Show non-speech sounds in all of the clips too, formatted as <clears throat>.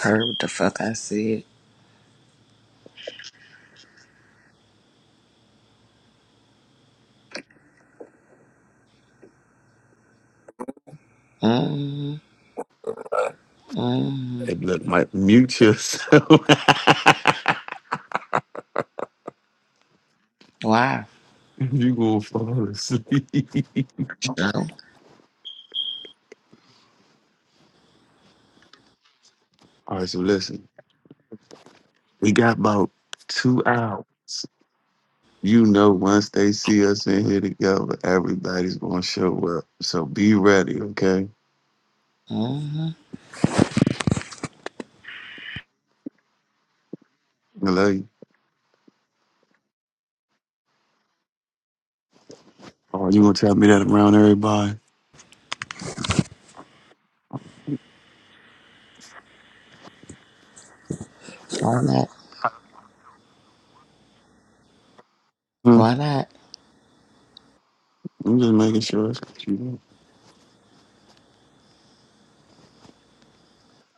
Heard what the fuck I said. Mm-hmm. Mm-hmm. Hey, look, Mike, mute yourself. <laughs> Why? you gonna fall asleep. <laughs> All Sure. right, so listen, we got about two hours. You know, once they see us in here together, everybody's gonna show up. So be ready, okay? Mm-hmm. I love you. Oh, you gonna tell me that around everybody? Why not? Hmm? Why not? I'm just making sure.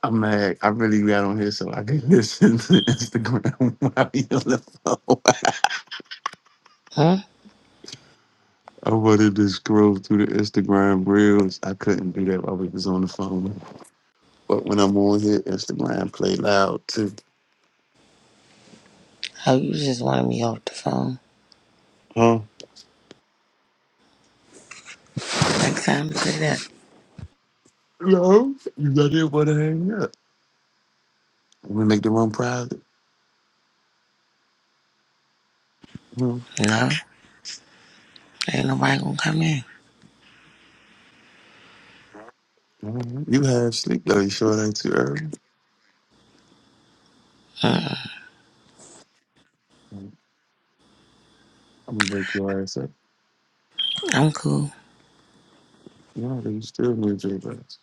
I'm mad. I really got on here so I can <laughs> listen to Instagram <laughs> while you're on the phone. Huh? I wanted to scroll through the Instagram reels. I couldn't do that while we was on the phone. But when I'm on here, Instagram play loud too. Oh, you just wanted me off the phone. Huh? Next time, say that. No, you got it want to hang up. We make the room private. Hmm. No, ain't nobody gonna come in. Mhm. You have sleep though. You sure it ain't too early? Uh-uh. I'm gonna wake your ass up. I'm cool. No, you still need your rest.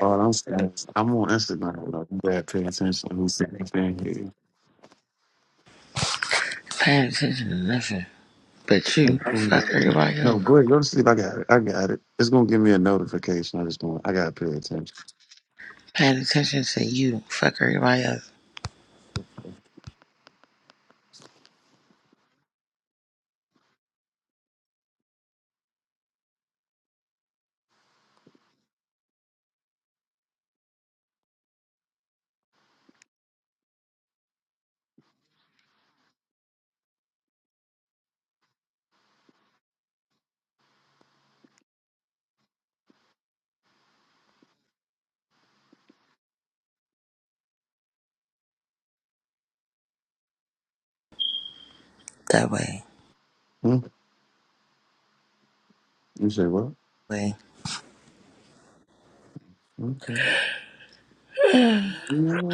Oh, I'm saying, I'm on Instagram. Though. You gotta pay attention to who's saying here. Paying attention to nothing but I'm you. going Fuck to sleep. everybody No, else. go ahead. Go to sleep. I got it. I got it. It's gonna give me a notification. I just want. I gotta pay attention. Paying attention to you. Fuck everybody else. That way. Hmm? You say what? Way. Okay. I'm on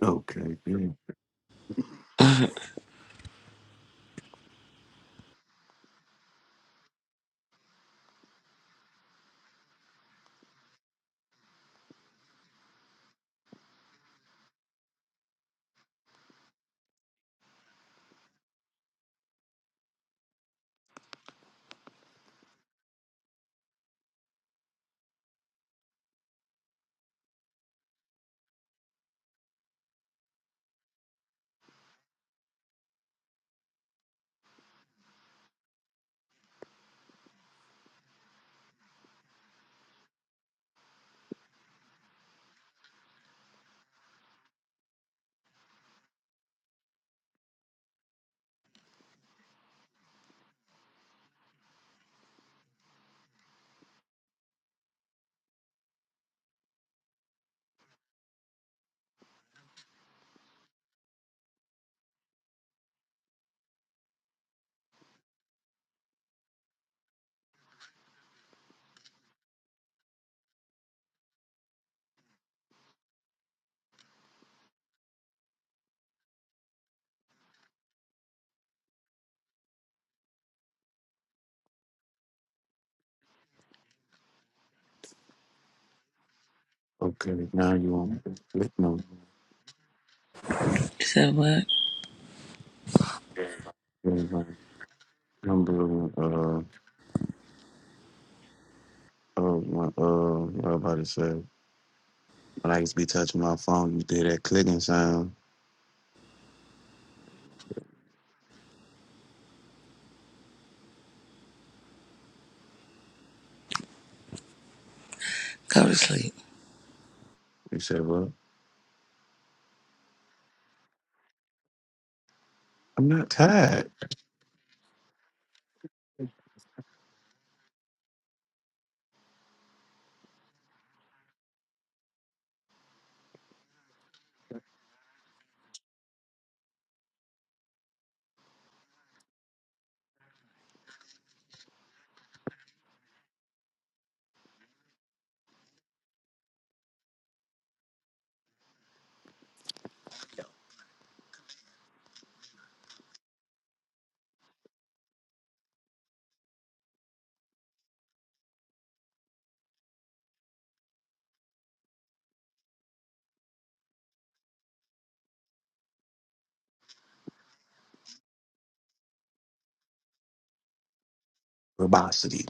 Okay, yeah. Mhm. Okay, now you want me to click no You said what? yeah, no. number uh uh my, uh what I about to say. When I used to be touching my phone, you did that clicking sound. Go to sleep. You said what? I'm not tired. Verbosity.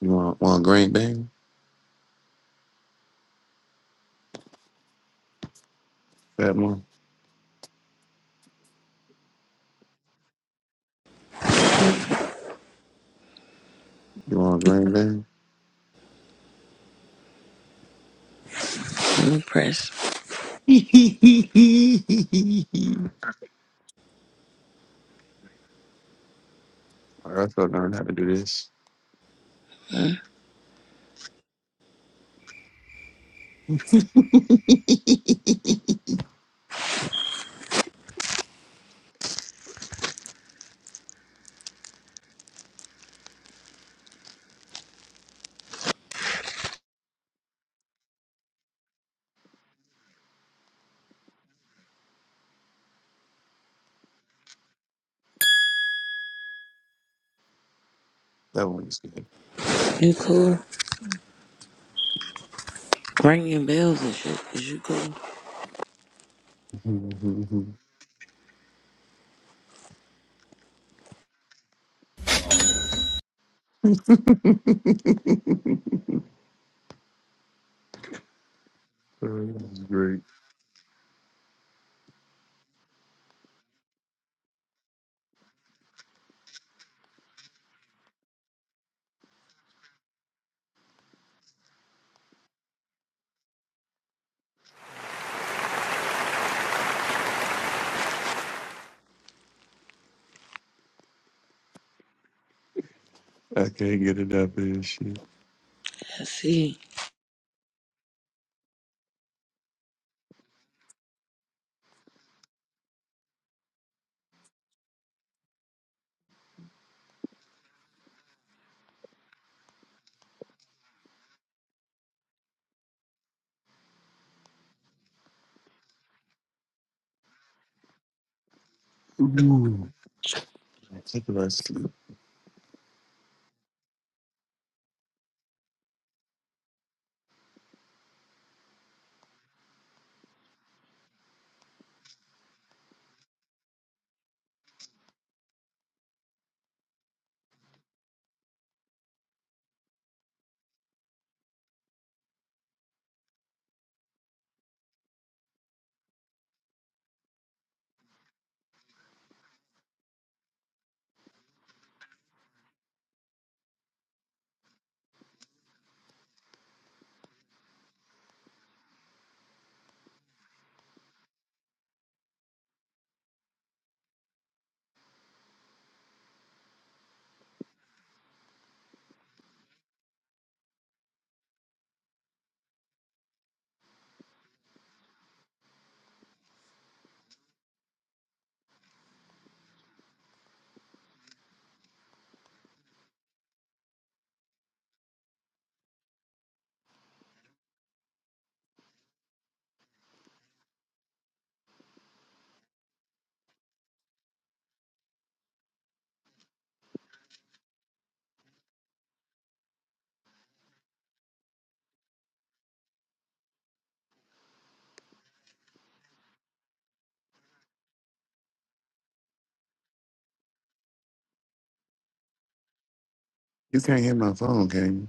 You want want a green bean? Fat one? You want a green bean? You press. <laughs> I also learned how to do this. Mm. That one is You cool? Ringing bells and shit. Is you cool? good. <laughs> Oh, This is great. I can't get it up here. Shit. Let's see. Ooh. Take a rest. sleep. You can't hear my phone, can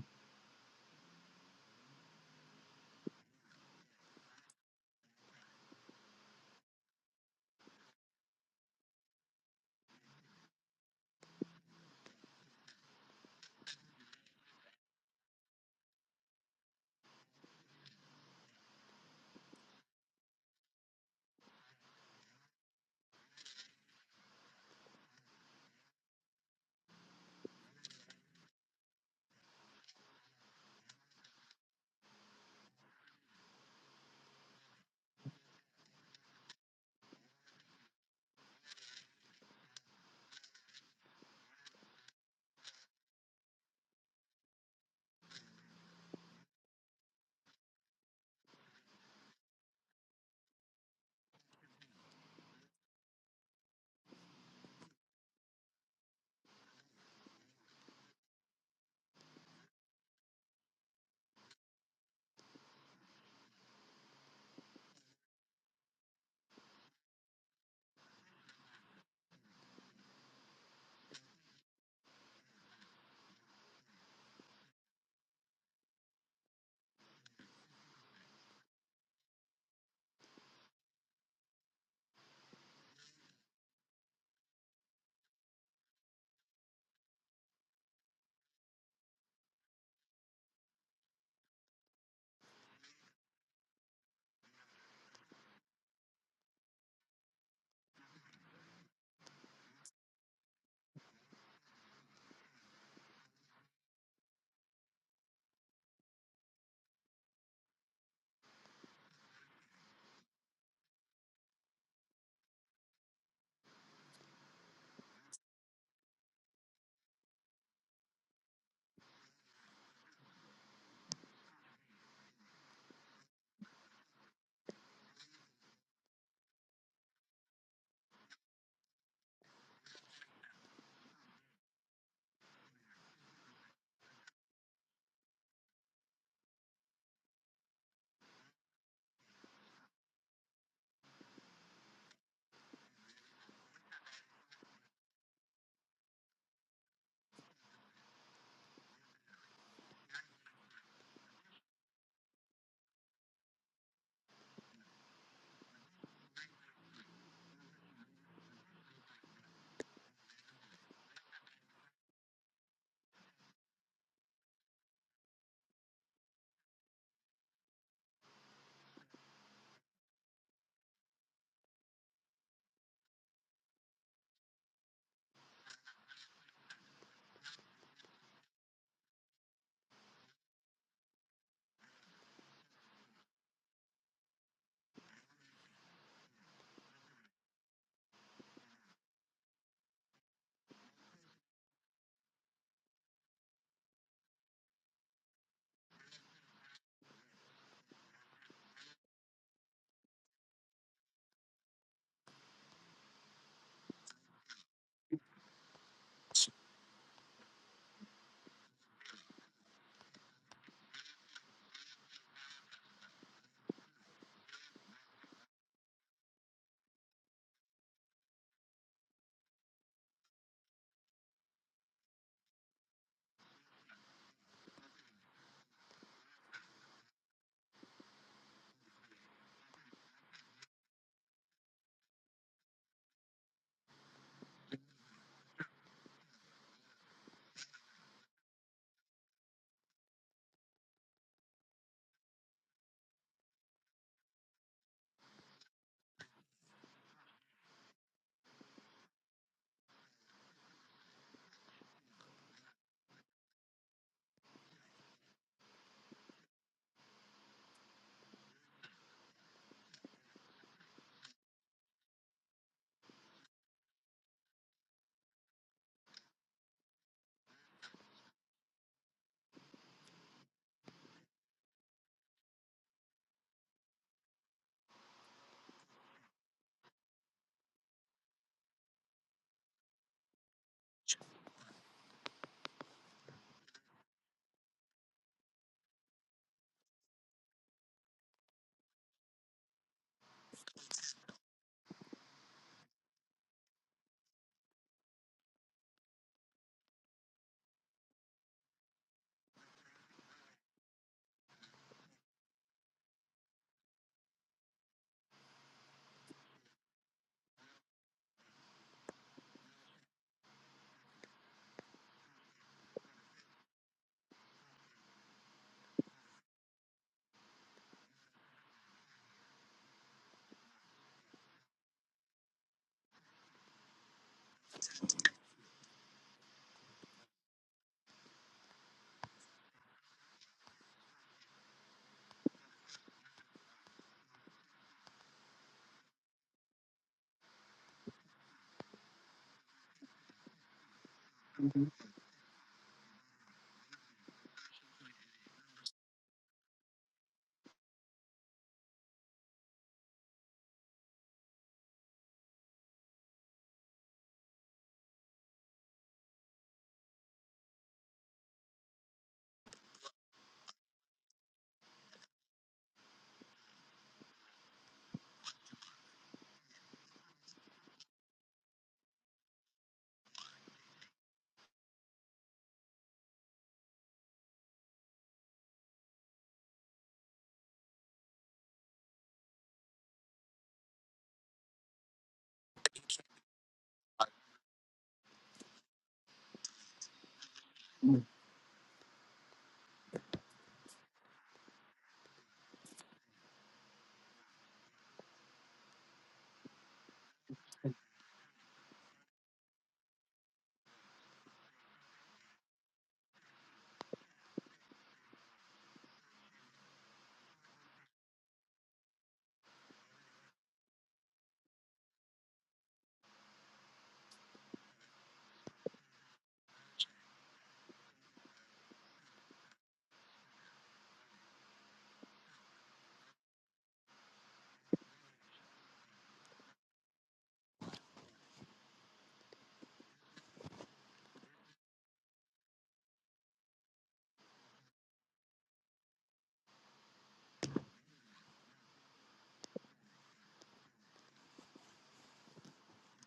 you?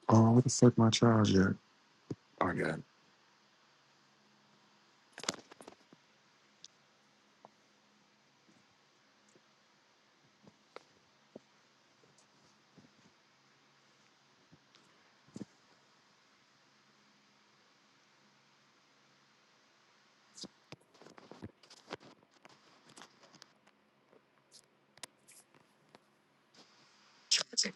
Oh, what the fuck, my charger? I got it.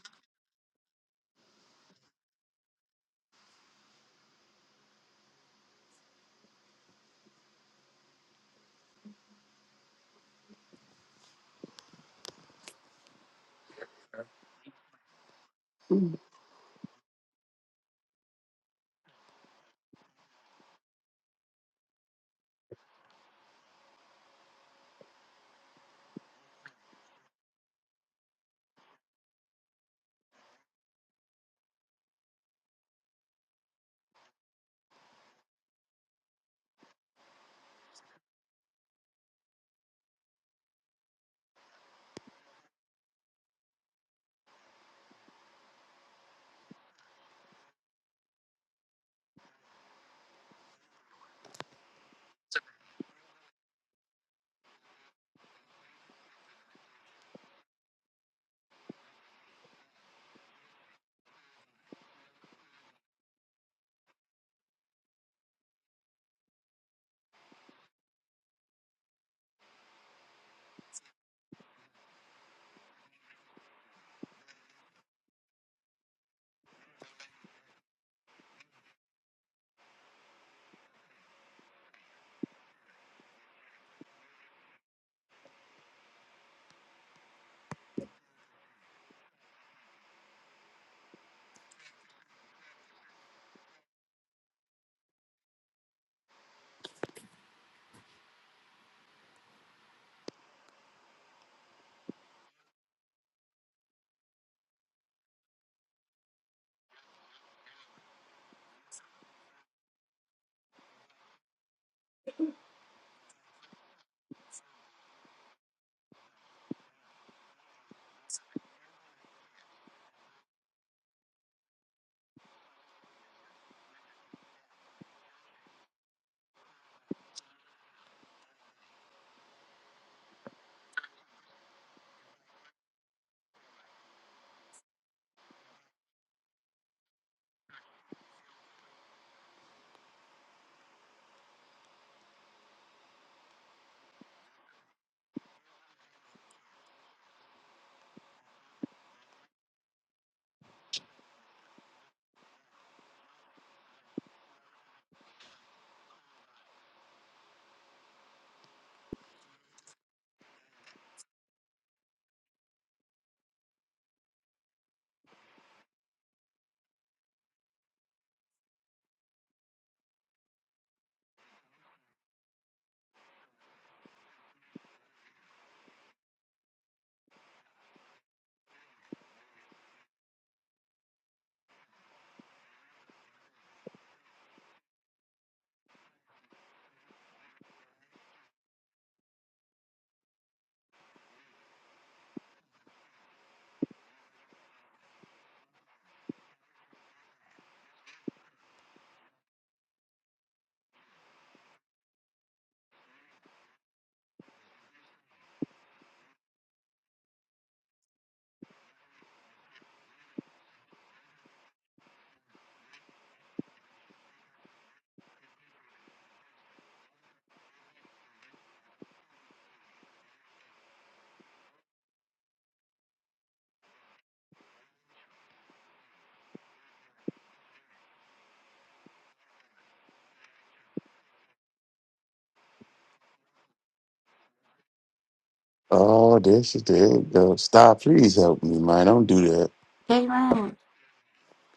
Oh, this is the it Stop. Please help me, man. Don't do that. K Ryan.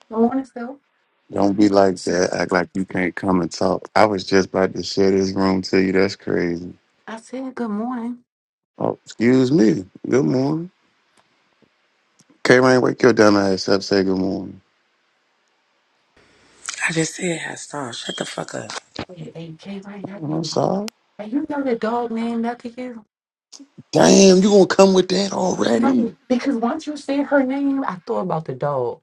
Good morning, Stu. Don't be like that. Act like you can't come and talk. I was just about to share this room to you. That's crazy. I said good morning. Oh, excuse me. Good morning. K Rain, wake your dumb ass up. Say good morning. I just said hot sauce. Shut the fuck up. Hey, hey K Ryan, how Oh, I'm you? sorry. And you know the dog named after you? Damn, you gonna come with that already? No, because once you said her name, I thought about the dog.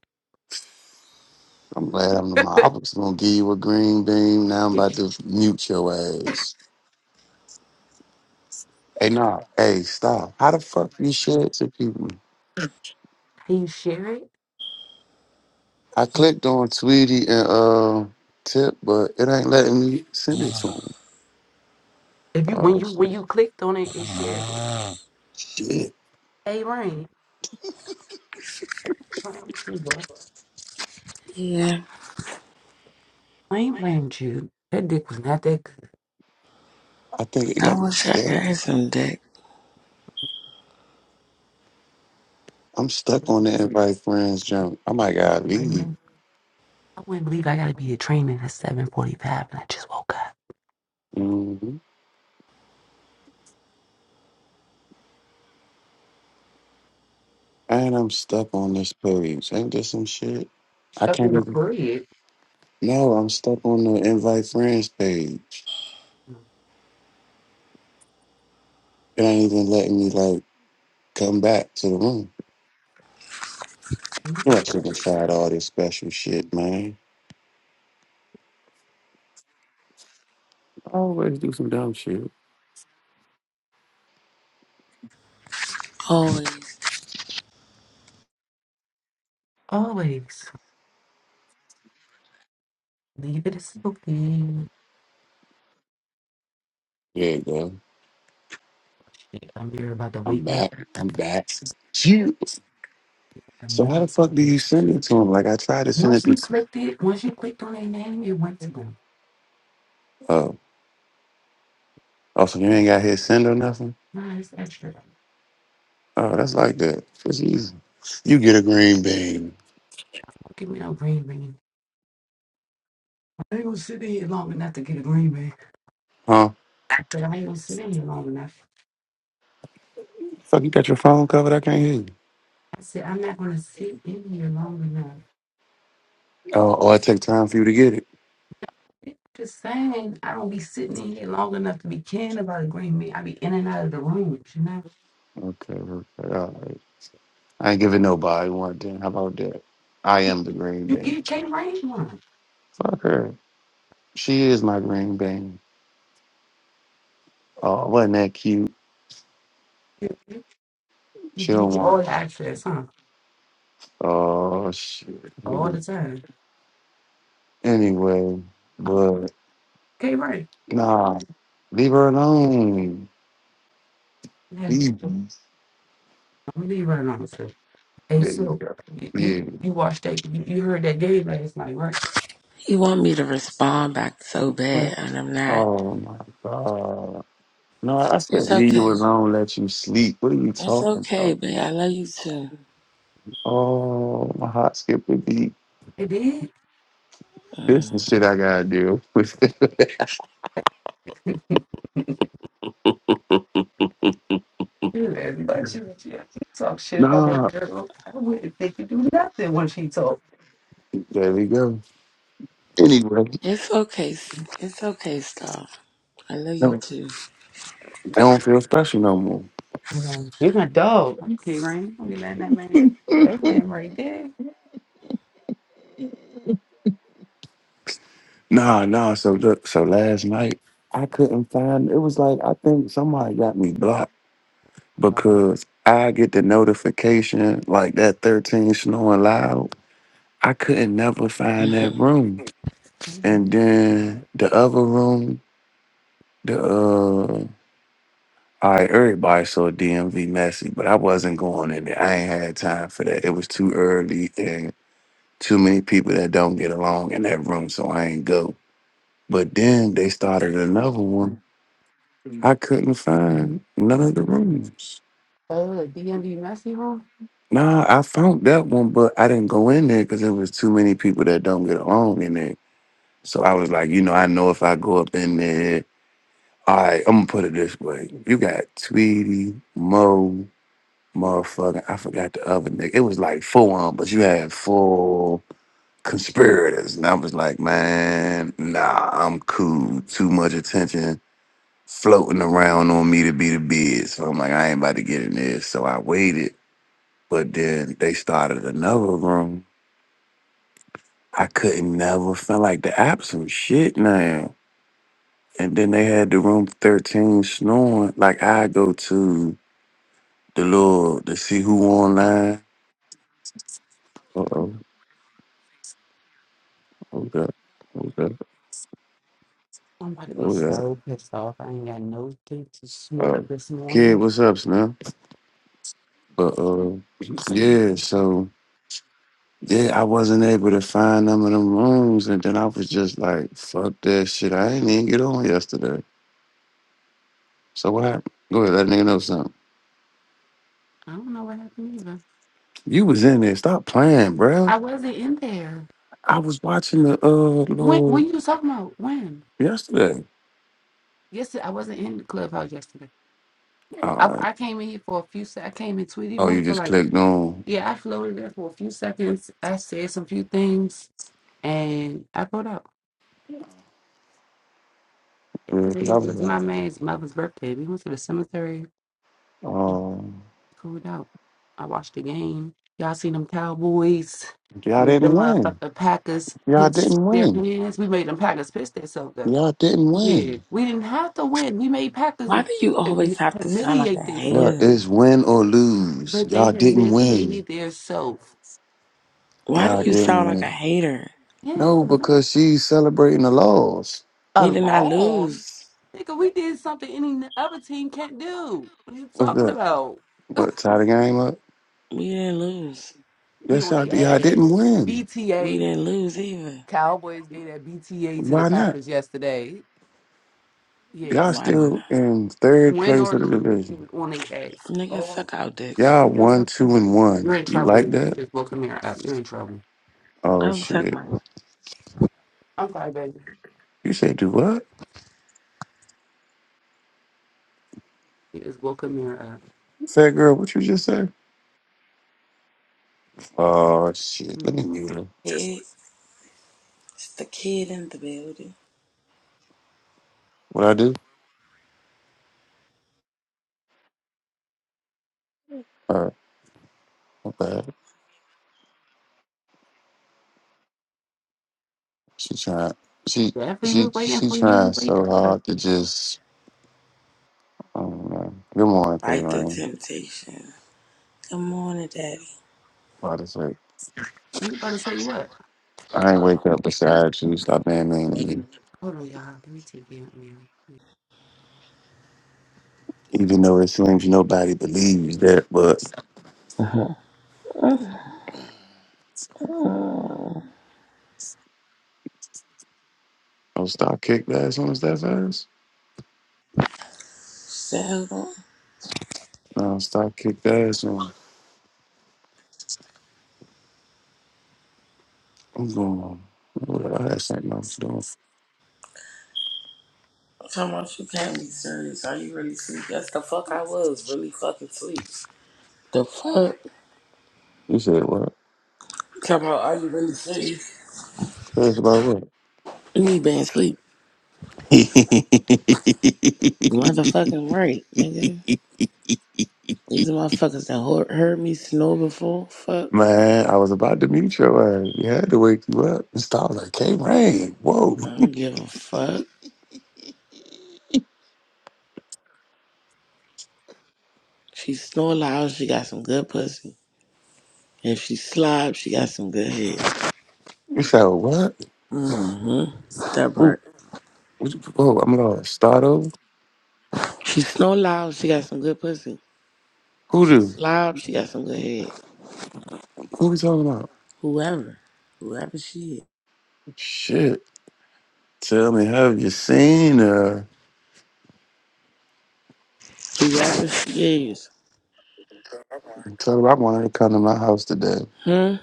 I'm glad I'm my I was gonna give you a green beam. Now I'm Did about you, to mute your ass. Hey, nah. Hey, stop. How the fuck you share it to people? Can you share it? I clicked on Tweety and uh Tip, but it ain't letting me send it to him. If you when Oh you when shit. you clicked on it, it shared it. Shit. Hey Ryan, blame you, bro. Yeah, I ain't blamed you. That dick was not that good. I think it got I me wish I could stuck. have some dick. I'm stuck on the invite friends jump. I might gotta Right leave. now, I wouldn't believe I gotta be at training at seven forty five, and I just woke up. hmm And I'm stuck on this page. Ain't this some shit? I Stuff in can't the even. No, I'm stuck on the invite friends page. It ain't even letting me like. Come back to the room. It's You actually gonna try out all this special shit, man. I always do some dumb shit. Always. always leave it asleep. There you go. Shit, I'm here about to I'm wake up. back. I'm back. You. I'm So how here the fuck about do to wake you up. send it to him? Like I tried to send it. Once you To, clicked it, once you clicked on their name, it went to them. oh, oh, so you ain't got his send or nothing. Nah, it's extra. Don't Oh, that's like that. It's easy. You get a green bean, give me no green bean. I ain't gonna sit in here long enough to get a green bean. huh? I said, I ain't gonna sit in here long enough. Fuck, you got your phone covered. I can't hear you. I said, I'm not gonna sit in here long enough. Oh, oh, it take time for you to get it. It- Just saying, I don't be sitting in here long enough to be caring about a green bean. I be in and out of the rooms, you know? Okay, okay, all right. I ain't giving nobody one thing. How about that? I am the green You, bean. you can't rain one. Fuck her. She is my green bean. Uh, wasn't that cute? You She give don't you all want. the access, huh? Oh shit. All the time. Anyway, but Okay, right. nah, leave her alone. Yeah, Leave. her. I'm leave right on. So, hey, There you so go. you you, Yeah. you watched that? You, you heard that game last night, right? He want me to respond back so bad, and I'm not. Oh my god. No, I It's said leave okay. you alone. Let you sleep. What are you It's talking okay, about? babe. I love you too. Oh, my heart skipped a beat. It did. This Mm. is shit I gotta deal with. You had much of it, yeah. You talk <laughs> shit about that nah, girl. I wouldn't think you do nothing when she talk. there we go. Anyway, It's okay. It's okay, Star. I love you no, too. I don't feel special no more. You know, you're a dog. Okay, right? Don't be letting that man. That man right there. Nah, nah. So look, so last night I couldn't find. It was like I think somebody got me blocked because I get the notification like that thirteen snoring loud. I couldn't never find that <laughs> room, Uh, and then the other room, the uh. All right, everybody saw DMV messy, but I wasn't going in there. I ain't had time for that. It was too early and too many people that don't get along in that room, so I ain't go. But then they started another one I couldn't find none of the rooms. DMV messy, huh? Nah, I found that one, but I didn't go in there because there was too many people that don't get along in there. So I was like, you know, I know if I go up in there, all right, I'm gonna put it this way: you got Tweety, Mo, motherfucker, I forgot the other nigga. It was like four, on, but you had four conspirators, and I was like, man, nah, I'm cool. Too much attention floating around on me to be the bid. So I'm like, I ain't about to get in there. So I waited. But then they started another room. I couldn't never feel like the app some shit now. And then they had the room 13 snoring. Like I go to the Lord to see who online. Uh oh. Okay. Okay. I'm about to be Okay. so pissed off. I ain't got no thing to smoke Uh, this kid, morning. what's up, Snap? But uh yeah, so yeah, I wasn't able to find none of them rooms. And then I was just like, fuck that shit. I ain't even get on yesterday. So what happened? Go ahead, let a nigga know I don't know what happened either. You was in there. Stop playing, bruh. I wasn't in there. I was watching the uh When Lord when you was talking about when? yesterday. Yes, I wasn't in the clubhouse yesterday. All I right. I came in here for a few sec. I came in Tweety Oh, you room for just like clicked on. yeah. I floated there for a few seconds. I said some few things and I pulled out. Because Yesterday I was was my like, man's mother's birthday. We went to the cemetery and um, cooled out. I watched the game. Y'all seen them Cowboys? y'all Them didn't win. motherfucking Packers Y'all pitched didn't their win. hands. We made them Packers pitch themselves Y'all didn't Yeah, win. we didn't have to win. We made Packers Why do eh, you eh, always have to sound like a humiliate But themselves, hater? it's win or lose. but they Y'all didn't win. humiliated themselves. Why do Y'all you didn't sound like a win. hater? Yeah, No, man. because she's celebrating the loss. a We did not loss. lose. Nigga, we did something any other team can't do. What are you What's talking that? about? What tie the game up? We didn't lose. Be Yes, on y'all, y'all their ass. didn't win. We BTA, didn't lose either. Cowboys gave that BTA to the Why not? Packers yesterday. Yeah, Y'all Why didn't still in third win place or of the lose, division. it was on their ass. I? Niggas Oh, suck out dick. Y'all you know one, two, something? and one. You're in You like trouble. You that? just woke Amir up. You're in trouble. Oh Come suck shit. my. I'm sorry, baby. You say do what? You just woke Amir up. Fat girl, what you just say? Oh shit. Let me Mm-mm. mute her. It's the kid in the building. What I do? Alright, my bad. She trying she Definitely she was waiting she for you to trying wake so up. hard to just I don't know. Good morning, K Fight the Rain. temptation. Good morning, Daddy. Why does it You about to say what? I ain't wake up beside you, stop being mean to me. Hold on, y'all. Let me take you out, man. Even though it seems nobody believes that, but Mm-hmm. I'll stop kick the ass on his ass. Seven. No, stop kick the ass I'm going. on. What I had something I was come on, you can't be serious. Are you really sleep? Yes, the fuck I was really fucking sleep. The fuck? You said what? Come on, are you really serious? It's about what? Me being sleep. <laughs> Motherfucking right, nigga. These motherfuckers that heard, heard me snore before. Fuck. Man, I was about to mute your ass. You had to wake you up. And stop like, hey, rain. Whoa. I don't give a fuck. She snore loud. She got some good pussy. If she slob, she got some good head. You said what? Mm-hmm. That Who? part. what you- Whoa, I'm lost. Start over? She snow loud, she got some good pussy. Who She do? slob, she got some good head. Who we talking about? Whoever. Whoever she Shit. Tell me, have you seen her? is. Whoever she is. Tell her I want her to come to my house today. Hmm?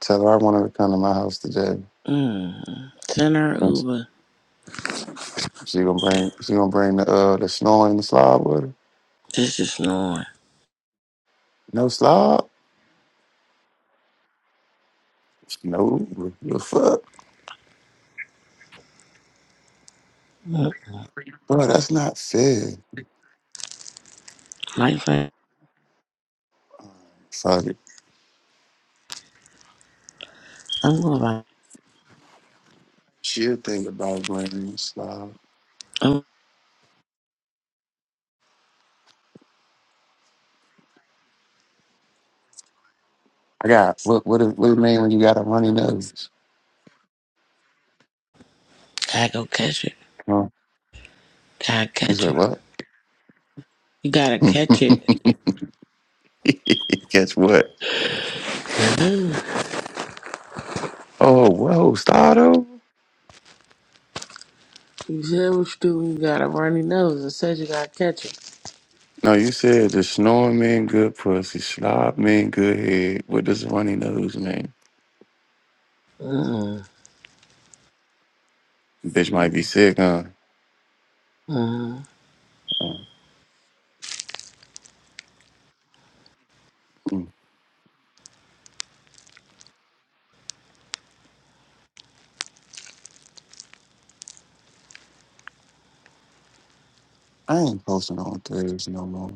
Tell her I want her to come to my house today. Mm-hmm. Send her And Uber. She gonna bring she gonna bring the uh the snow and the slide with her. This is snoring. No slob? No. The fuck? Mm. Bro, that's not fair. Like that. Fuck it. I'm going to She'll think about bringing me slob. I'm I got, what What it, what it mean when you got a runny nose? gotta go catch it. Huh? Gotta He catch said, it. what? You gotta catch it. <laughs> Guess what? Mm. Oh, whoa, start You said what you do when you got a runny nose. I said you gotta catch it. No, you said the snoring mean good pussy, slob mean good head. What does runny nose mean? Mm-hmm. Bitch might be sick, huh? Mm-hmm. Mm. I ain't posting on Thursdays no more.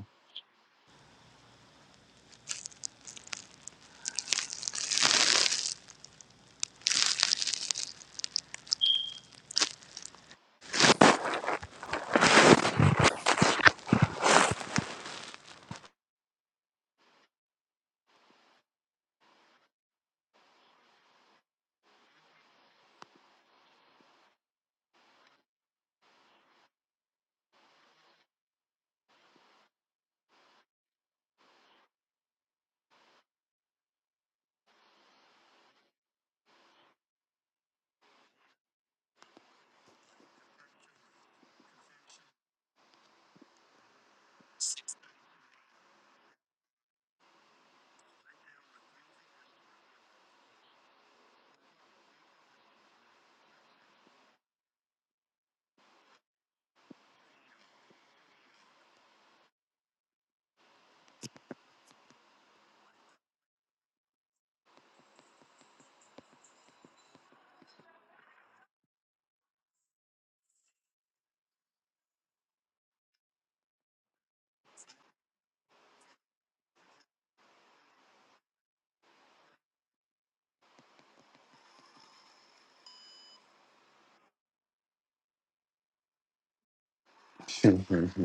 <laughs>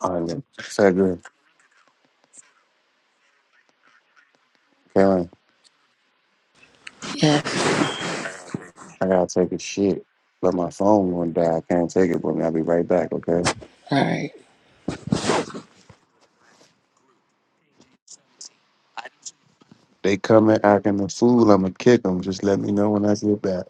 All right, look. Fat girl. Yeah. I gotta take a shit, but my phone won't die. I can't take it with me. I'll be right back, okay? All right. They coming acting a fool. I'm gonna kick them. Just let me know when I get back.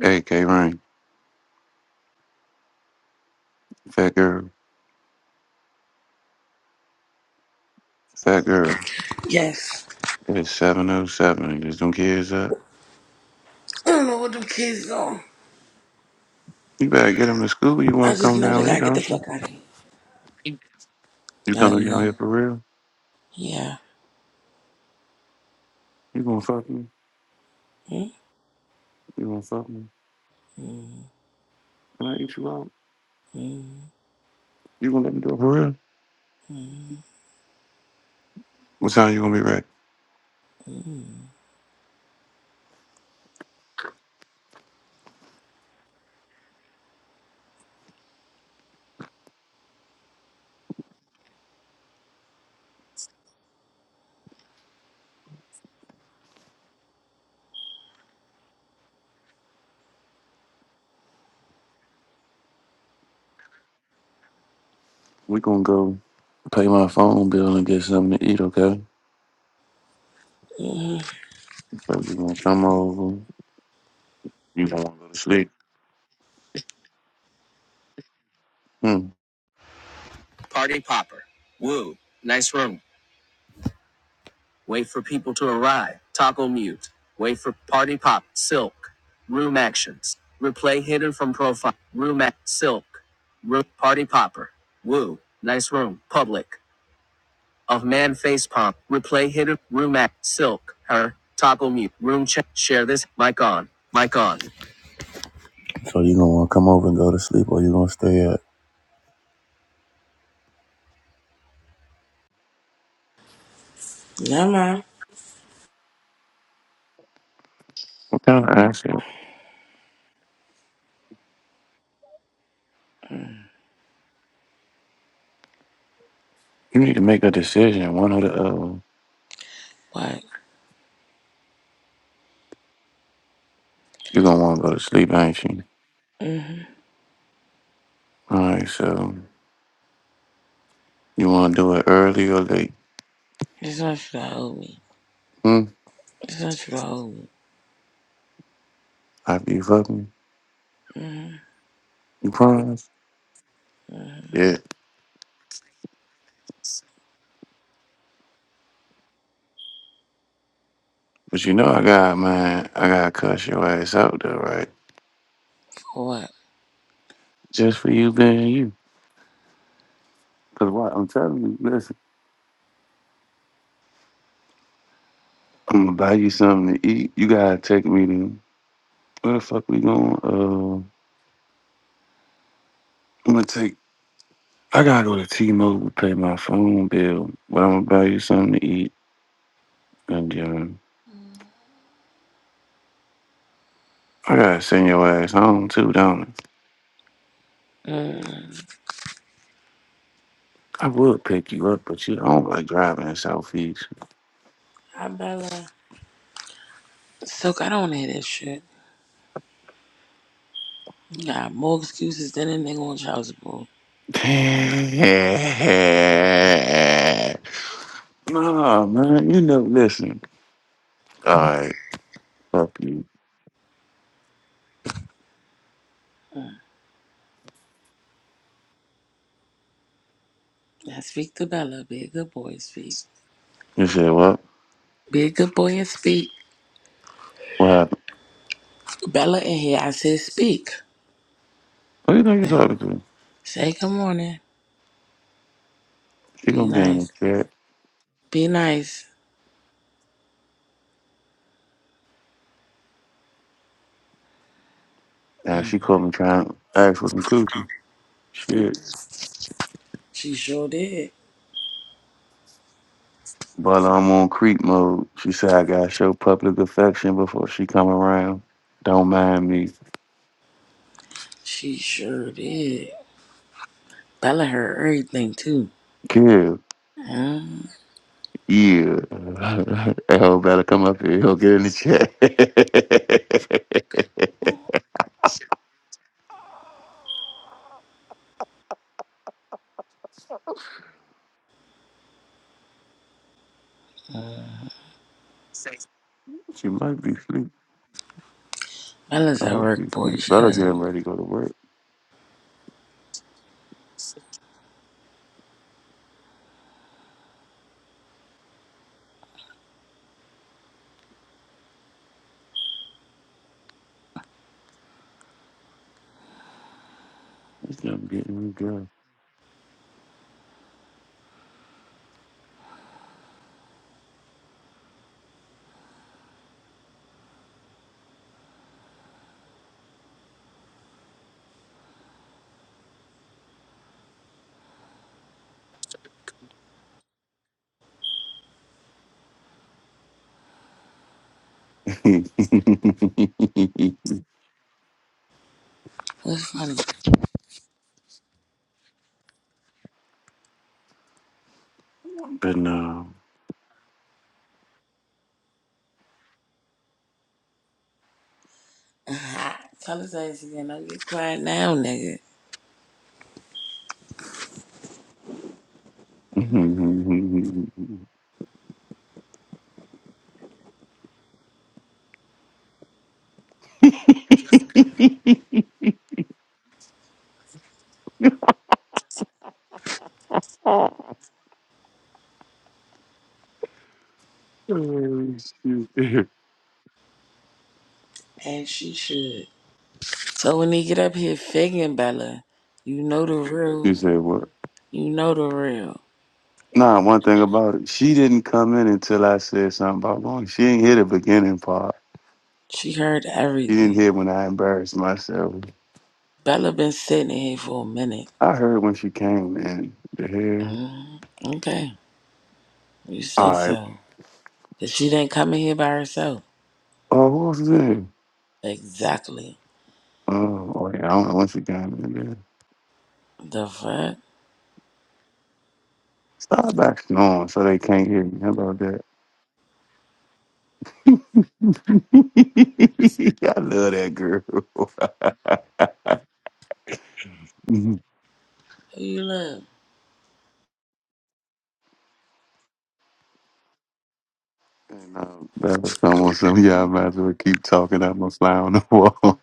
Hey, K Rain, fat girl, fat girl. Yes. It's 707. You just don't care, <clears throat> I don't know what them kids on. You better get him to school. You I want to just come know they down here, gotta get the don't you? fuck out of here. You coming down Oh here for real? yeah. You gonna fuck me? Yeah. You gonna fuck me? Mm, Can I eat you out? mm, You gonna let me do it for real? mm, mm, What time you gonna be ready? mm, We gonna go pay my phone bill and get something to eat, okay? mm. So you gonna come over? You gonna wanna go to sleep? Hmm. So you gonna wanna come over and go to sleep, or you gonna stay at? Never mind. What kind of accent? You need to make a decision, one or the other. What? You gonna wanna go to sleep, ain't you? Mm-hmm. All right. So you wanna do it early or late? It's not you to hold me. Hmm. It's not you to hold me. After you fuck me? Mm-hmm. You promise? Mm-hmm. Yeah. But you know I got man, I gotta cuss your ass out though, right? For what? Just for you being you. Cause what I'm telling you, listen, I'm gonna buy you something to eat. You gotta take me to where the fuck we going? Uh I'm gonna take I gotta go to T Mobile pay my phone bill, but I'm gonna buy you something to eat and then I gotta send your ass home too, don't I? Mm. I would pick you up, but you don't like driving in Southeast. I better. Soak, I don't want to hear that shit. You got more excuses than a nigga on child support. <laughs> Nah, man, you know, listen. All right, fuck you. Now speak to Bella. Be a good boy and speak. You said what? Be a good boy and speak. What happened? Bella in here, I said speak. Who you think you talking to? Say good morning. She Be gonna be in the nice. chat. Be nice. Now she Mm. called me trying to ask for some coochie. Shit. She sure did. But I'm on creep mode. She said I gotta show public affection before she come around. Don't mind me. She sure did. Bella heard everything too. Kill. Mm. Yeah. <laughs> L better come up here. He'll get in the chat. <laughs> she might be asleep. Bella's I at hope work, she's boy. asleep. Shut Better get up. ready to go to work. This damn getting me good. <laughs> but What's funny? <laughs> no. Uh-huh. Tell us that again. Don't get quiet now, nigga. <laughs> you And she should. So when he get up here figging Bella, you know the real. said what? You know the real. Nah, one thing about it, she didn't come in until I said something about going. She didn't hear the beginning part. She heard She didn't everything. hear when I embarrassed myself. Bella been sitting in here for a minute. I heard when she came in. The hell? Mm. Okay. You say All right. so. Cause she didn't come in here by herself. Oh, who was there? Exactly. Oh, oh yeah, I don't know when she came in. There. The fuck? Stop back snoring so they can't hear me. How about that? <laughs> I love that girl. <laughs> and, Who you love? um, that was almost some yeah, I might as well keep talking. I'm gonna fly on the wall.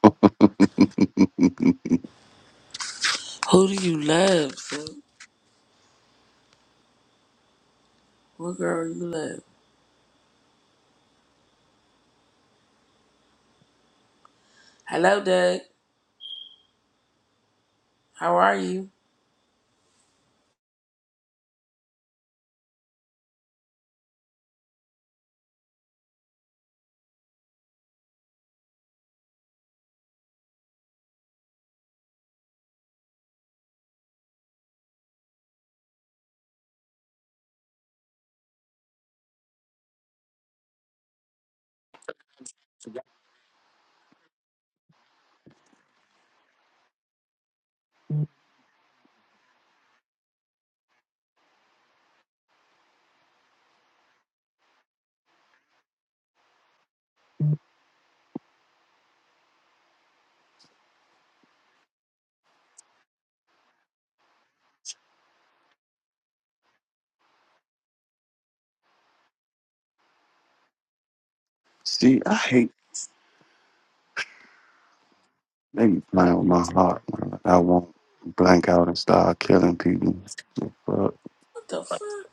<laughs> Who do you love, sis? What girl you love? Hello, Doug. How are you? See, I hate they be playing with my heart. man. I won't blank out and start killing people. Fuck. What the fuck?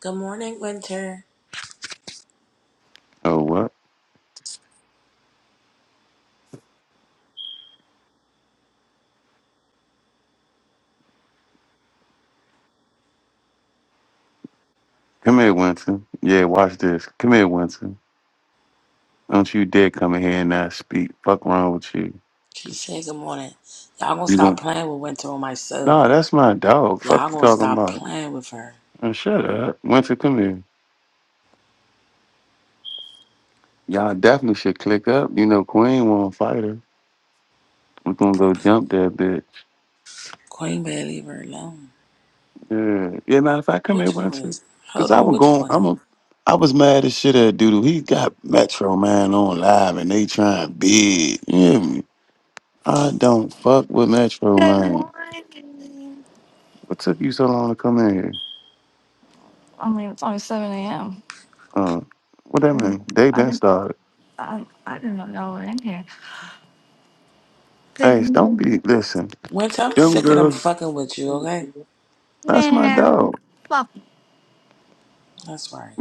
Good morning, Winter. Oh what? Come here, Winston. Yeah, watch this. Come here, Winston. Don't you dare come in here and not speak. Fuck wrong with you. She said good morning. Y'all gonna You stop won't. playing with Winter on my soul. Nah, that's my dog. Y'all Fuck you gonna talking stop about. playing with her. Man, shut up, Winston. Come here. Y'all definitely should click up. You know, Queen won't fight her. We're gonna go jump that bitch. Queen better leave her alone. Yeah. Yeah, matter of fact, come here, Which queen? Wences. Cause Hold I on, was which going I'm queen? a I was mad as shit at Doodoo. He got Metro Man on live and they trying big. You hear me? I don't fuck with Metro Good Man. morning. What took you so long to come in here? I mean, it's only 7 a.m. Uh what I that didn't, mean? They I been didn't, started. I, I didn't know y'all were in here. Good Hey, don't m- be listen. Winter, I'm Them sick of them girls, fucking with you, okay? that's my man. dog. Fuck, That's right.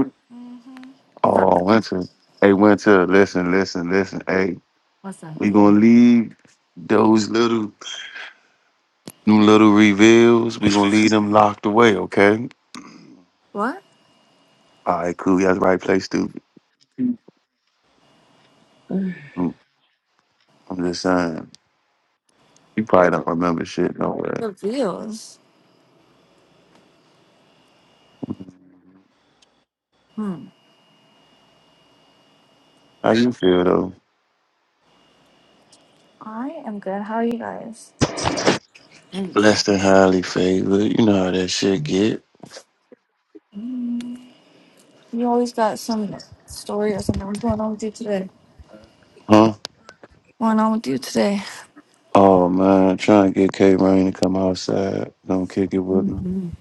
fuck. Oh, Winter. Hey, Winter, listen, listen, listen. Hey. What's up? we gonna leave those little them little reveals, we gonna leave them locked away, okay? What? All right, cool. You got the right place, stupid. Mm. Mm, I'm just saying. You probably don't remember shit, don't worry. Reveals. Hmm. How you feel though? I am good. How are you guys? I'm good. Blessed and highly favored. You know how that shit get. Mm, You always got some story or something. What's going on with you today? Huh? What's going on with you today? Oh man, trying to get K Rain to come outside. Don't kick it with me. Mhm.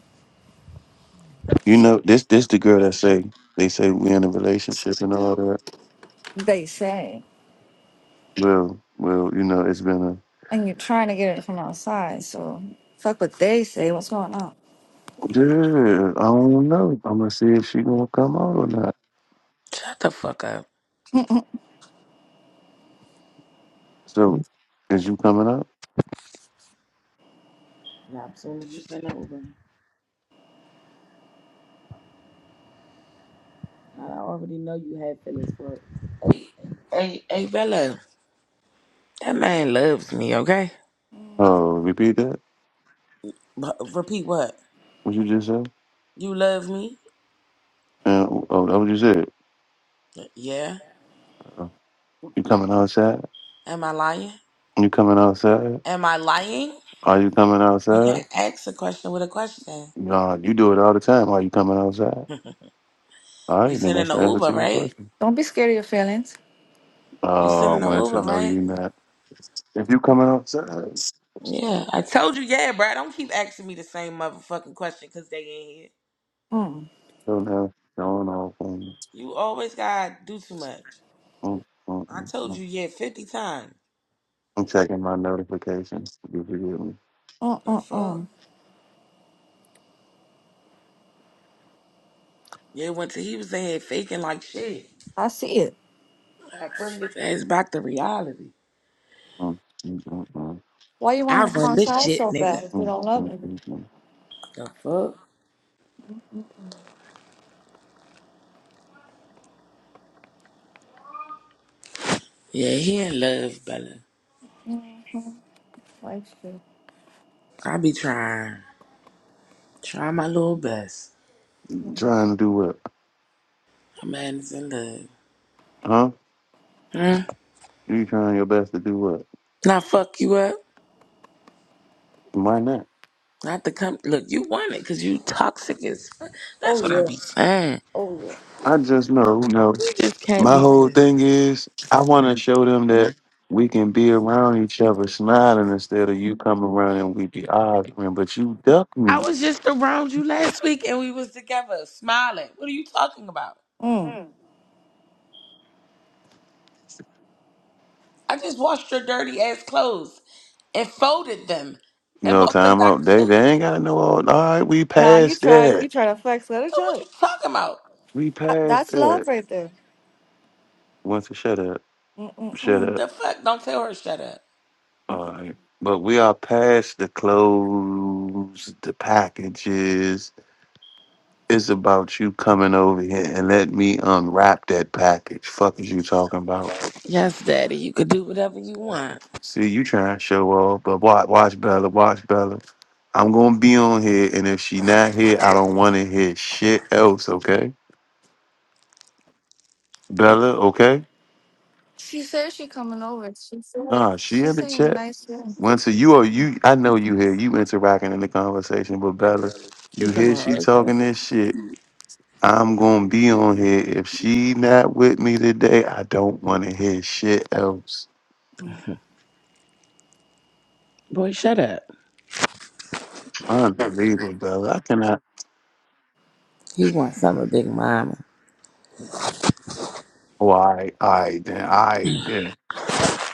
You know, this this the girl that say they say we in a relationship and all that. They say. Well, well, you know, it's been a And you're trying to get it from outside, so fuck what they say. What's going on? Yeah, I don't know. I'm gonna see if she gonna come out or not. Shut the fuck up. Mm-mm. So, is you coming out? Nah, soon as you send it over. I already know you had feelings for it. Hey, hey, hey, Bella, that man loves me, okay? Uh, repeat that. But repeat what? What you just said? You love me? Uh, oh, that what you said? Yeah. Uh, you coming outside? Am I lying? You coming outside? Am I lying? Are you coming You can't outside? ask a question with a question. Nah, you do it all the time. Are you coming outside? <laughs> All You right, then sending that's the the answer to Uber, your right? question. Don't be scared of your feelings. You Uh, sending the want Uber, to know right? you not. If you coming outside, Yeah, I told you, yeah, bro. Don't keep asking me the same motherfucking question because they ain't here. Mm. don't have going off on. You always gotta do too much. mm, mm, I mm, told mm. you, yeah, 50 times. I'm checking my notifications. You forgive me. The fuck? Mm-mm-mm. Yeah, once he was in here faking like shit. I see it. I bring his ass back to reality. Mm, mm, mm, mm. Why you I want to come run this outside shit, so bad nigga. if you Mm, don't love mm, him? mm, mm. The fuck? Yeah, he in love, Bella. Like shit. I be trying. Try my little best. Trying to do what? A man is in love. Huh? Hmm? You trying your best to do what? Not fuck you up. Why not? Not to come. Look, you want it because you toxic as fuck. Oh That's what I yeah. be saying. Oh I just know, no. You just can't My be whole just. thing is I want to show them that we can be around each other smiling instead of you coming around and we be arguing, but you duck I me. was just around you last week and we was together smiling. What are you talking about? yeah. Mm. I just washed your dirty ass clothes and folded them You and know, brought them time back out. to They they you. ain't got no all. All right, we Nah, you passed tried. that. You tried to flex. Let her So tell what it. you talking about? We That, passed that's love that. right there. Once you shut up, shut Mm-mm-mm. up. The fuck? Don't tell her shut up. All right, but we are past the clothes, the packages It's about you coming over here and let me unwrap that package. Fuck is you talking about? Yes, daddy, you could do whatever you want. See, you trying to show off, but watch, watch Bella, watch Bella. I'm gonna be on here, and if she not here, I don't want to hear shit else. Okay, Bella. Okay. She said she coming over. She said Nah, she in she's the saying chat. nice things. Winter, you are you. I know you here. You interacting in the conversation, but Bella, you She's a hear she mom. Okay. talking this shit. I'm gonna be on here. If she not with me today, I don't want to hear shit else. Mm, Boy, shut up. Unbelievable, Doug. I cannot. He wants some of Big Mama. Oh, all right, all right, then. All right, then.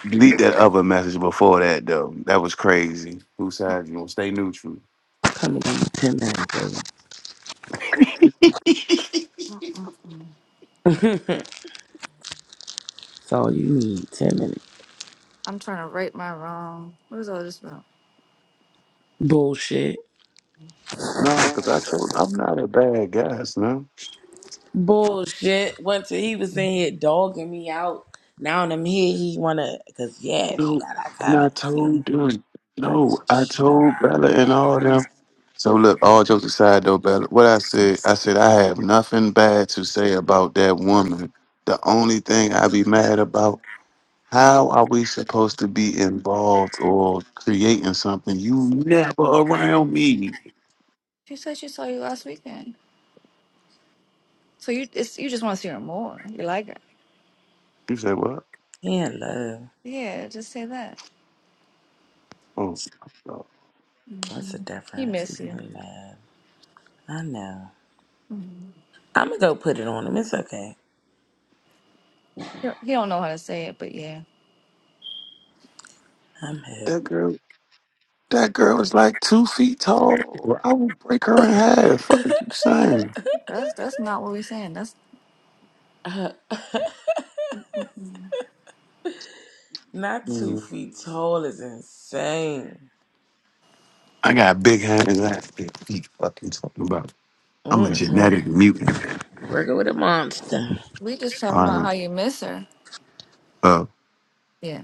Delete that other message before that, though. That was crazy. Who said you gonna stay neutral? Coming in ten minutes, <laughs> mm-mm. baby. <laughs> That's all you need. Ten minutes. I'm trying to right my wrong. What is all this about? Bullshit. Nah, because I told I'm not a bad guy, son. Bullshit. Once he was in here dogging me out. Now that I'm here, he wanna. Cause yeah, she No, got that and I comment too. told them, Like, no, I shut up. told Bella and all them. So look, all jokes aside though, Bella, what I said, I said I have nothing bad to say about that woman. The only thing I be mad about How are we supposed to be involved or creating something you never around me? She said she saw you last weekend. So you it's, you just want to see her more. You like her. You say what? He in love. Yeah, just say that. Oh, What's the hmm He difference? He's miss you. in love. I know. Mhm. I'm gonna go put it on him. It's okay. He don't he don't know how to say it, but yeah. I'm hip. that girl. That girl is like two feet tall. I will break her in half. Fuck are you <laughs> saying? That's that's not what we're saying. That's Uh, mm-mm. Not two Mm. feet tall is insane. I got big hands. I got big feet. Fucking talking about. I'm a genetic Mm-hmm. mutant. Working with a monster. we just talking All about how right. you miss her. Uh, Yeah.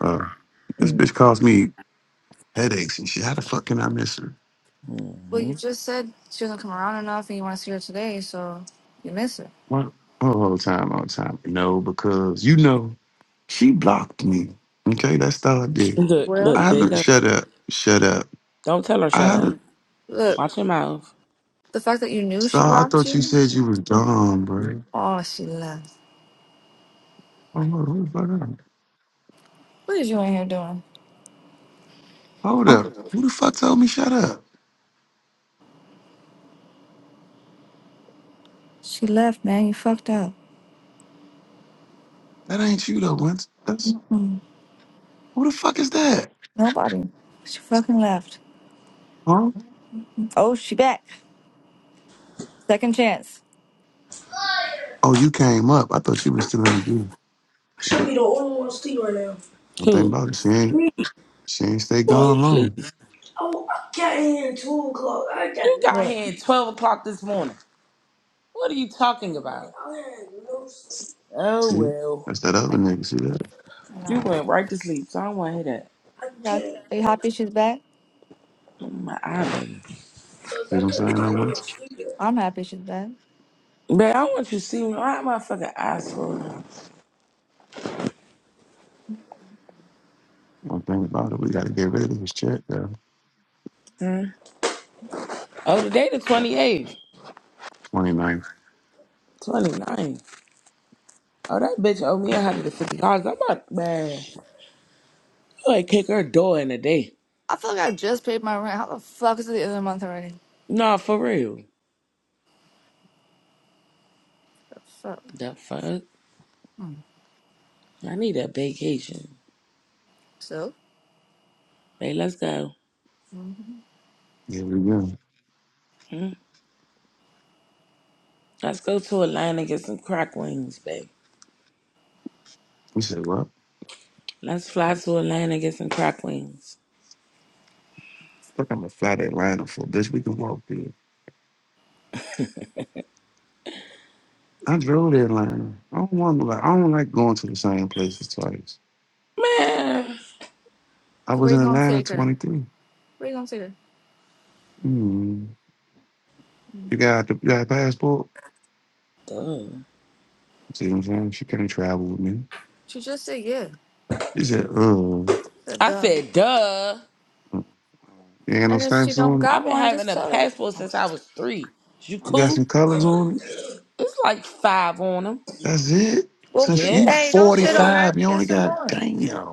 uh. This bitch caused me headaches and shit. How the fuck can I miss her? Well, Mm-hmm. you just said she doesn't come around enough, and you want to see her today, so you miss her. What? Oh, all the time, all the time. No, because you know, she blocked me. Okay, that's all I did. Look, look, I Well, there you haven't go. shut up. Shut up. Don't tell her I shut up. haven't. look, Watch your mouth. the fact that you knew she Star, I blocked thought you you. said you was dumb, bro. Oh, she left. Oh, hold, hold the fuck up. What is you in here doing? Hold up. Who the fuck told me shut up? She left, man. You fucked up. That ain't you though, once. That's who the fuck is that? Nobody. She fucking left. Huh? Oh, she back. Second chance. Oh, you came up. I thought you was still in the group. Should be the only one asleep right now. One thing Who? about it, she ain't she ain't stay Boy, gone please. long. Oh, I got here at 2 o'clock. I got You got Look, here at 12 o'clock this morning. What are you talking about? I had no sleep. Oh See? well, That's that other like, nigga, see that? you nah. went right to sleep, so I don't want to hear that. I God, can't are you get no happy sleep. she's back? My eyelid. Cause See what I I'm couldn't saying though, find once? no sleep. I'm happy she's back. Man, I want you to see me. Why am I fucking eyes full? One thing about it, we got to get rid of this check, though. Hmm? Oh, today the 28th. ninth. 29. Oh, that bitch owe me $150. I'm about, man. I might kick her door in a day. I feel like I just paid my rent. How the fuck is it the other month already? Nah, for real. So, The fuck? mm. I need a vacation. so, Babe, let's go. Mhm. Yeah, we go. Hmm? Let's go to a line and get some crack wings, babe. We said, well, Let's fly to Atlanta and get some crack wings. fuck, I'm going to fly to Atlanta for bitch. We can walk there. I drove to Atlanta. I don't want to, like, I don't like going to the same places twice. Man. I so was where in you gonna Atlanta take her? 23. Where you gonna take her? Mm. Mm. You got the, you got a passport? Duh. See what I'm saying? She couldn't travel with me. She just said yeah. She said, uh, Said I dumb. said, duh. you ain't got no And if she stamps don't on it. I've got been one, having just a tell her. passport since I was three. You You got cool? some colors on it. It's like five on them. That's it. Well, Since you Yeah. hey, don't shit on her. 45, you Get only some got, more. damn.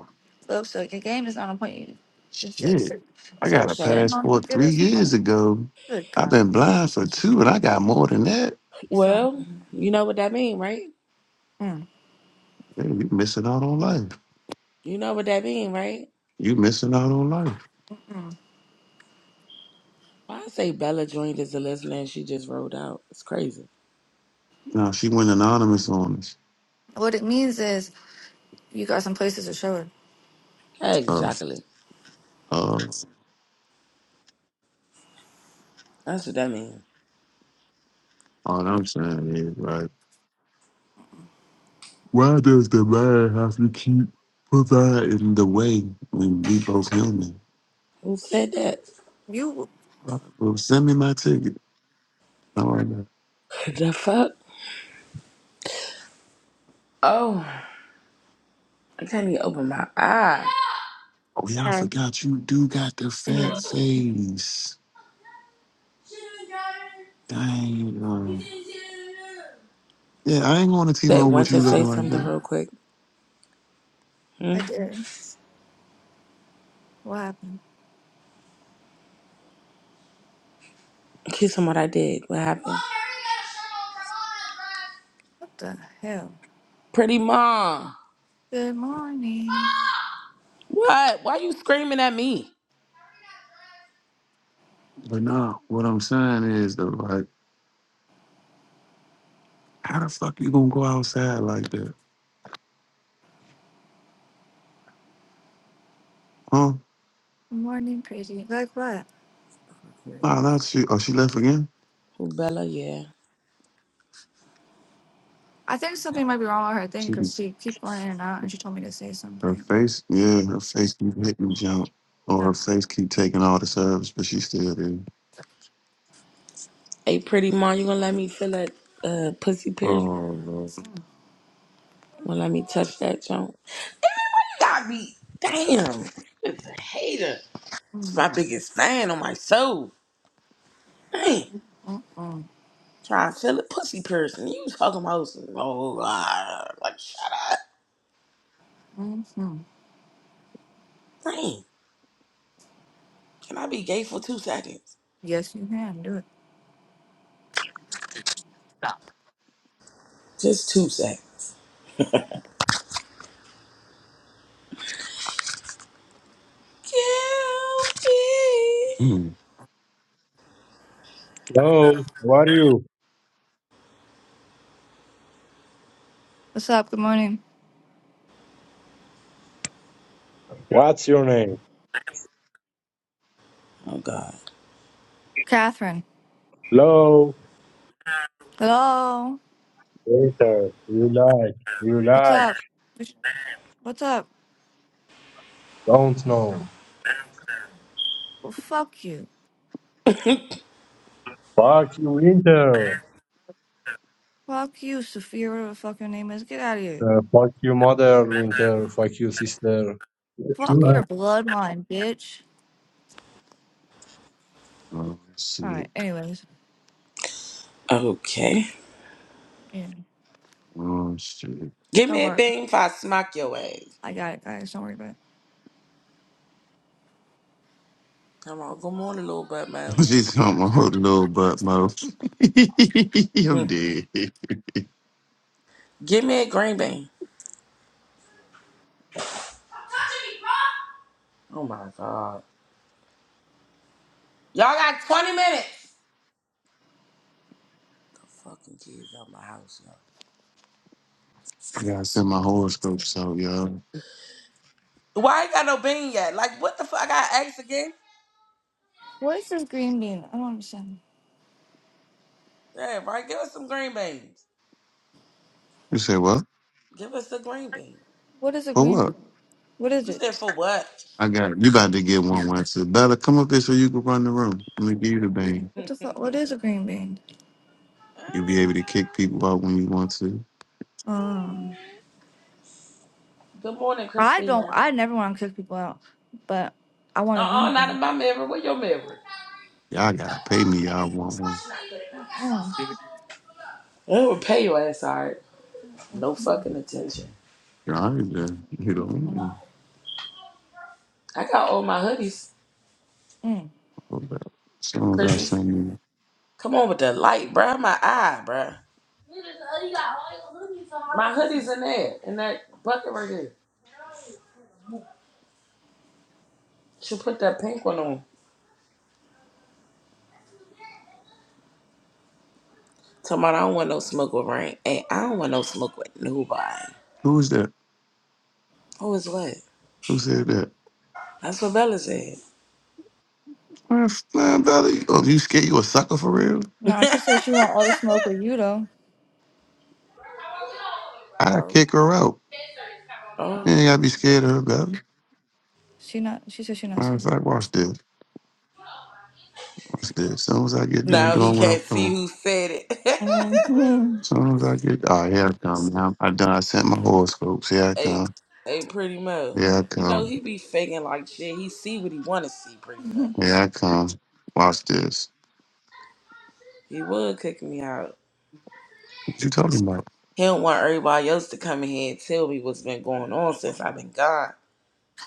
Look, so your game is not on point. You- Instead of, Shit, sit- I instead of got a So, shitting on her, passport get three her some more. years ago. Good I've God. been blind for two, and I got more than that. You saw. well, you know what that mean, right? Mm. Man, you missing out on life. You know what that mean, right? You missing out on life. Mm. Why I say Bella joined as a listener and she just rolled out. It's crazy. Now she went anonymous on us. What it means is you got some places to show her. Oh, Exactly. oh, That's what that mean. all I'm saying is, right? Why does the man have to keep providing the way when we both human? Who said that? <laughs> You. All right, well, send me my ticket. All right. now. The fuck? Oh, I can't even open my eye. Oh yeah, I Hey. forgot you do got the Yeah, fat face. Dang. um, Yeah, I ain't going to team That up with went you to looking say like something that. real quick. Hmm? I did. What happened? Kiss him what I did. What happened? What the hell? Pretty mom. Good morning. What? Why you screaming at me? But nah, what I'm saying is though, like, how the fuck you gonna go outside like that? Huh? Good morning, pretty. Like what? Nah, not she. Oh, she left again. Ooh, Bella, yeah. I think something might be wrong with her thing She, because she keep going in and out and she told me to say her something. face, yeah, her face keep hitting jump, or Nah. her face keep taking all the service, but she still there. Hey, pretty mom, you gonna let me feel that uh, pussy piercing? Oh Lord. Mm, Gonna let me touch that junk? I be damn. It's a hater. It's mm, my biggest fan on my soul. Damn. mm, Try to feel a pussy piercing. You talking about some, oh, ah, like shut up. mm, mm. Damn. Can I be gay for two seconds? Yes, you can do it. Just two seconds. Kill Hmm. Hello, how are you? What's up? Good morning. What's your name? Oh God. Catherine. Hello, Hello. Winter. You like, you What's like. up? What's what's up? Don't know. Well, fuck you. Fuck you, Winter. Fuck you, Sophia, whatever the fuck your name is. Get out of here. Uh, fuck you, mother, Winter. Fuck you, sister. Fuck you, Fuck your bloodline, bitch. Oh All right. shit. Anyways, Okay. yeah. Oh shit. Give Don't me a worry. bean if I smack your ass. I got it, guys. Don't worry about it. Come on, good morning, little butt <laughs> man. She's talking my whole little butt mo. <laughs> Hmm. I'm dead. I Give me a green bean. Oh my God. Y'all got 20 minutes. Fucking kids out my house, yo. gotta send my horoscopes out, y'all. Why ain't got no bean yet? Like what the fuck? I got eggs again? What is this green bean? I don't understand. Yeah, right. Give us some green beans. You say what? Give us a green bean. What is a For what? green? What is You it? said for what? I got it. You about to get one one too. Bella, come up here so you can run the room. Let me give you the bang. What <laughs> the fuck? What is a green bean? You'll be able Ah, to kick people out when you want to. Um, Good morning, I don't. Christina. I never want to kick people out, but I Uh want a green uh not in bean. my mirror. Where your mirror? Y'all gotta pay me. Y'all want one. Mm, It would pay your ass all right. mm, No fucking attention. Y'all ain't there. You mm, know. I got all my hoodies, mm. Hold up. Someone got Chrissy. something. Come on with the light, bruh. My eye, bruh. My hoodies in there, in that bucket right there. She put that pink one on. Talking about I don't want no smoke with rain. and I don't want no smoke with nobody. Who's that? Who is what? Who said that? That's what Bella said. Man, f- man, Bella, you, oh, you scared you a sucker for real? <laughs> No, she said she want all the smoke with you though. I oh. kick her out. You Oh. ain't gotta be scared of her, Bella. She not. She said she not Matter of scared. fact, watch this. Watch this. As soon as I get done Now he doing what can't I'm see doing. who said it. <laughs> Mhm. As soon as I get, oh, here I come now. I done. I sent my horoscopes. Here I ain't come. ain't pretty Mo. Here I You come. know, he be faking like shit. He see what he wanna see pretty much. <laughs> Yeah, I come. Watch this. He would kick me out. What you talking about? He don't want everybody else to come in here and tell me what's been going on since I've been gone.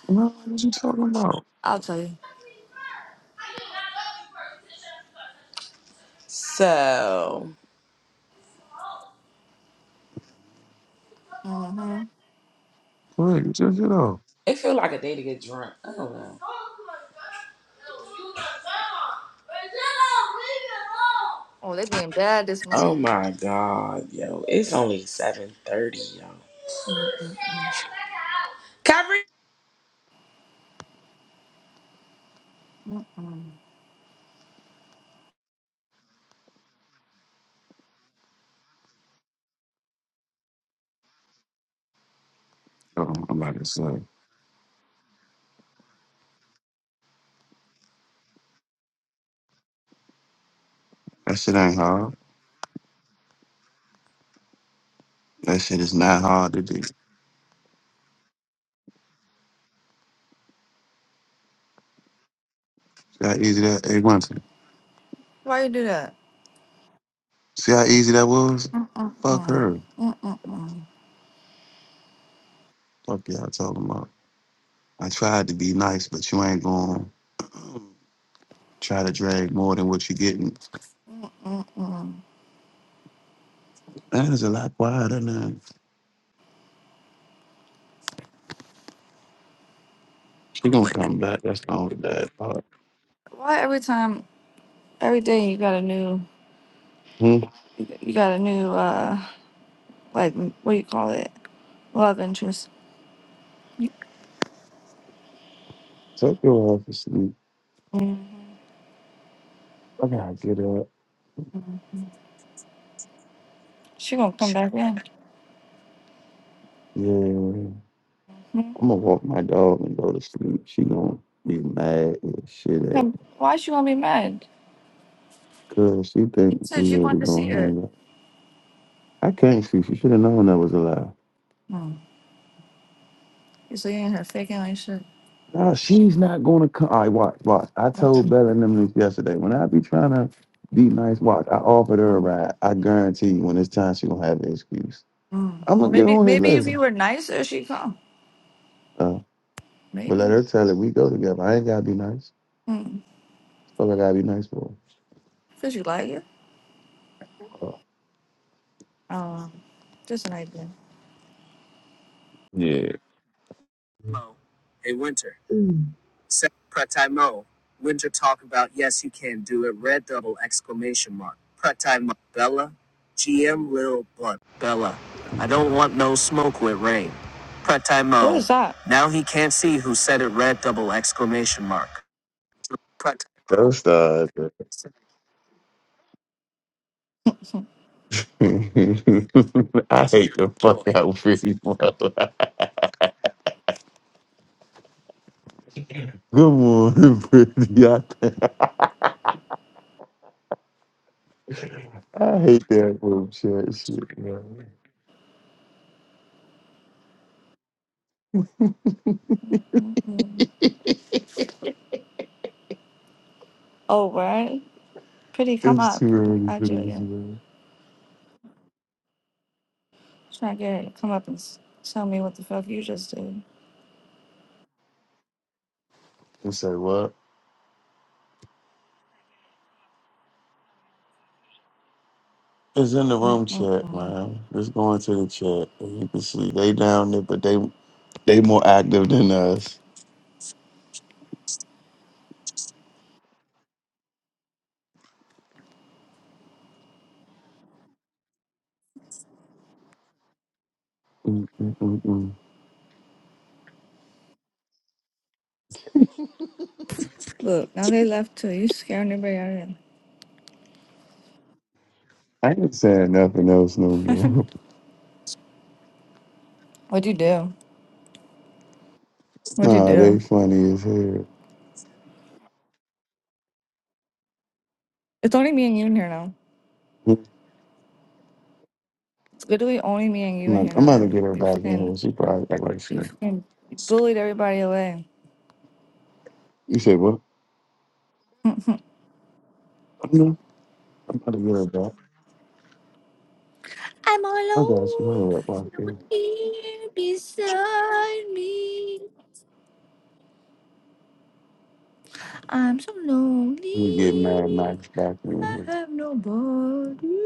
No, what you talking about? I'll tell you. So hmm Look, you took it off. it feel like a day to get drunk. I don't know. Oh, they being bad this Oh morning. my god, yo. It's only 7.30, yo. mm mm mm. Cover Oh, I'm about to say. That shit ain't hard. That shit is not hard to do. See how easy that hey Winston. Why you do that? See how easy that was? Fuck Mm-mm-mm. her. Mm-mm-mm. Fuck y'all talking about. I tried to be nice, but you ain't going to <clears throat> try to drag more than what you getting. Mm-mm. That is a lot quieter now. She gonna come back. That's the only bad part. Why every time, every day you got a new, Hmm. you got a new. uh like what do you call it love interest. Take your ass to sleep. Mm, I gotta get up. She gonna come back in. Yeah. Hmm? I'm gonna walk my dog and go to sleep. She gonna be mad and shit at me. Come- Why she gonna be mad? Cause she You think we said you wanted really to see gonna her. hang out. I can't see. She should have known that was a lie. Mm. You seeing her faking like shit. No, she's not gonna come. I watch, watch. I Okay. told Bella and them this yesterday. When I be trying to be nice, watch. I offered her a Mm. ride. I guarantee you, when it's time, she gonna have an excuse. Mm. I'm Well, gonna get maybe on here maybe if later. you were nicer, she'd come. Uh, but let Maybe. her tell it. We go together. I ain't gotta be nice. Mm. Fuck, I gotta be nice for. Cause you like her. Her. Uh, Um, just an idea. yeah. What is that? Don't start. <laughs> I hate the fuck out pretty mother. <laughs> Good morning, pretty. I, I hate that group chat shit, man. Mm-mm-mm. <laughs> Oh, right. Pretty, come It's up. too early I for do this, it. man. Try to get her to come up and s- tell me what the fuck you just did. You say what? It's in the room chat, Mm-mm-mm. man. Let's go into the chat. And you can see they down there, but they they more active than us. Mm, mm, mm, mm. Look, now they left too. You scaring everybody out of here. I ain't saying nothing else no more. What'd you do? <laughs> What'd you nah, they do? funny as hell. It's only me and you in here now. I'm It's literally only me and you in about, here I'm now. about to get her They- You back in fucking, here. She probably act like you shit. fucking bullied everybody away. You said what? <laughs> I'm I know. I'm about to get her back. all I got some alone. her up There's right No one there. here beside me. I'm so We get mad lonely. Max back in I here. have nobody.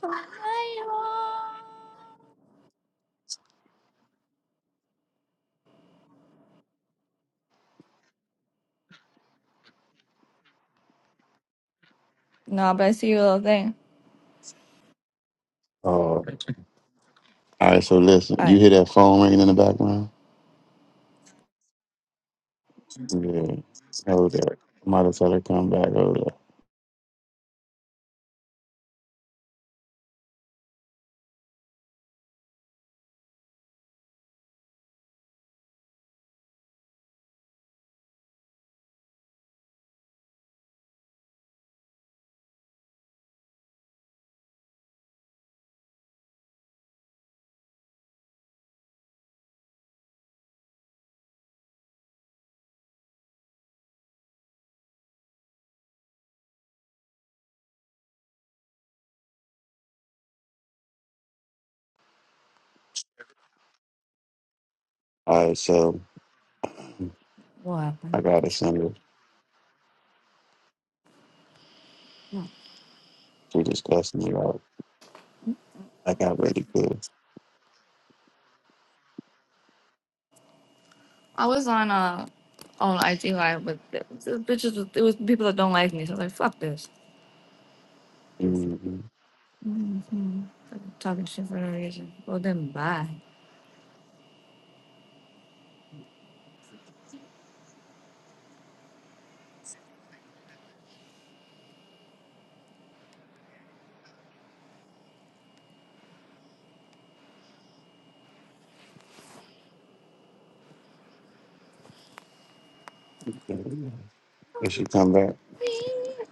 So I am. Nah, but I see your little thing. Uh, all right, so listen, All you right. hear that phone ringing in the background? Yeah, hold that. Might as well come back over there. All right, so What I happened? got a sender. She just cussing me out. I got ready good. I was on uh on IG live, with the, the bitches was, it was people that don't like me. So I was like, fuck this. Mm-hmm. Mm-hmm. Talking shit for no reason. Well then bye. Did she come back? <laughs>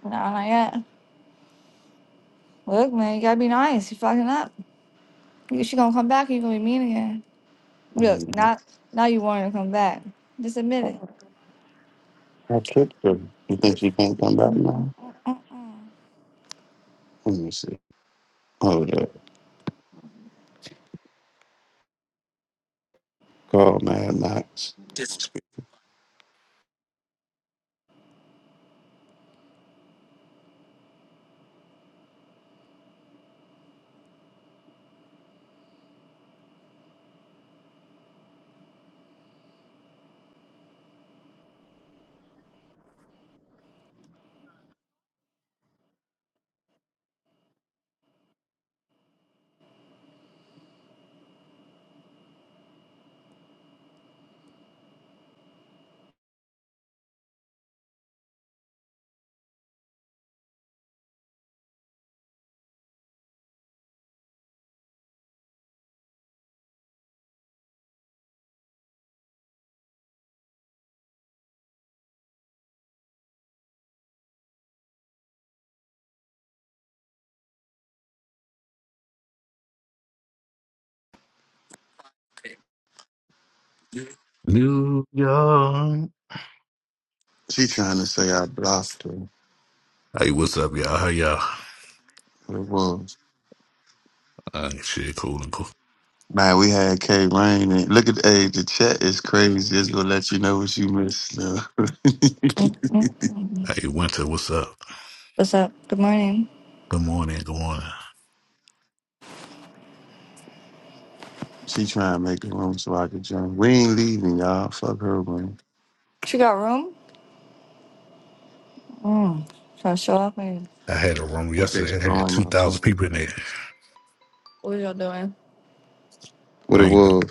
And I'm like, yeah. Look, man, you gotta be nice. You fucking up. You- She gonna come back and you gonna be mean again. Look, Mhm. now now you want her to come back. Just admit it. I tricked her. You think she can't come back now? Let me see. Hold up. Call Mad Max. New York. She trying to say I blocked her. Hey, what's up, y'all? How y'all? But it was. Uh, shit, cool and cool. Man, we had K Rain and look at hey, the chat is crazy. It's gonna let you know what you missed. though. <laughs> Mm-mm. Hey, Winter, what's up? What's up? Good morning. Good morning, good morning. she trying to make a room so I could join. We ain't leaving, y'all. Fuck her room. She got room? Mm. Trying to show off man. I had a room That bitch yesterday. I had blowing two my thousand phone. people in up. there. What y'all doing? What it I ain't, do- was?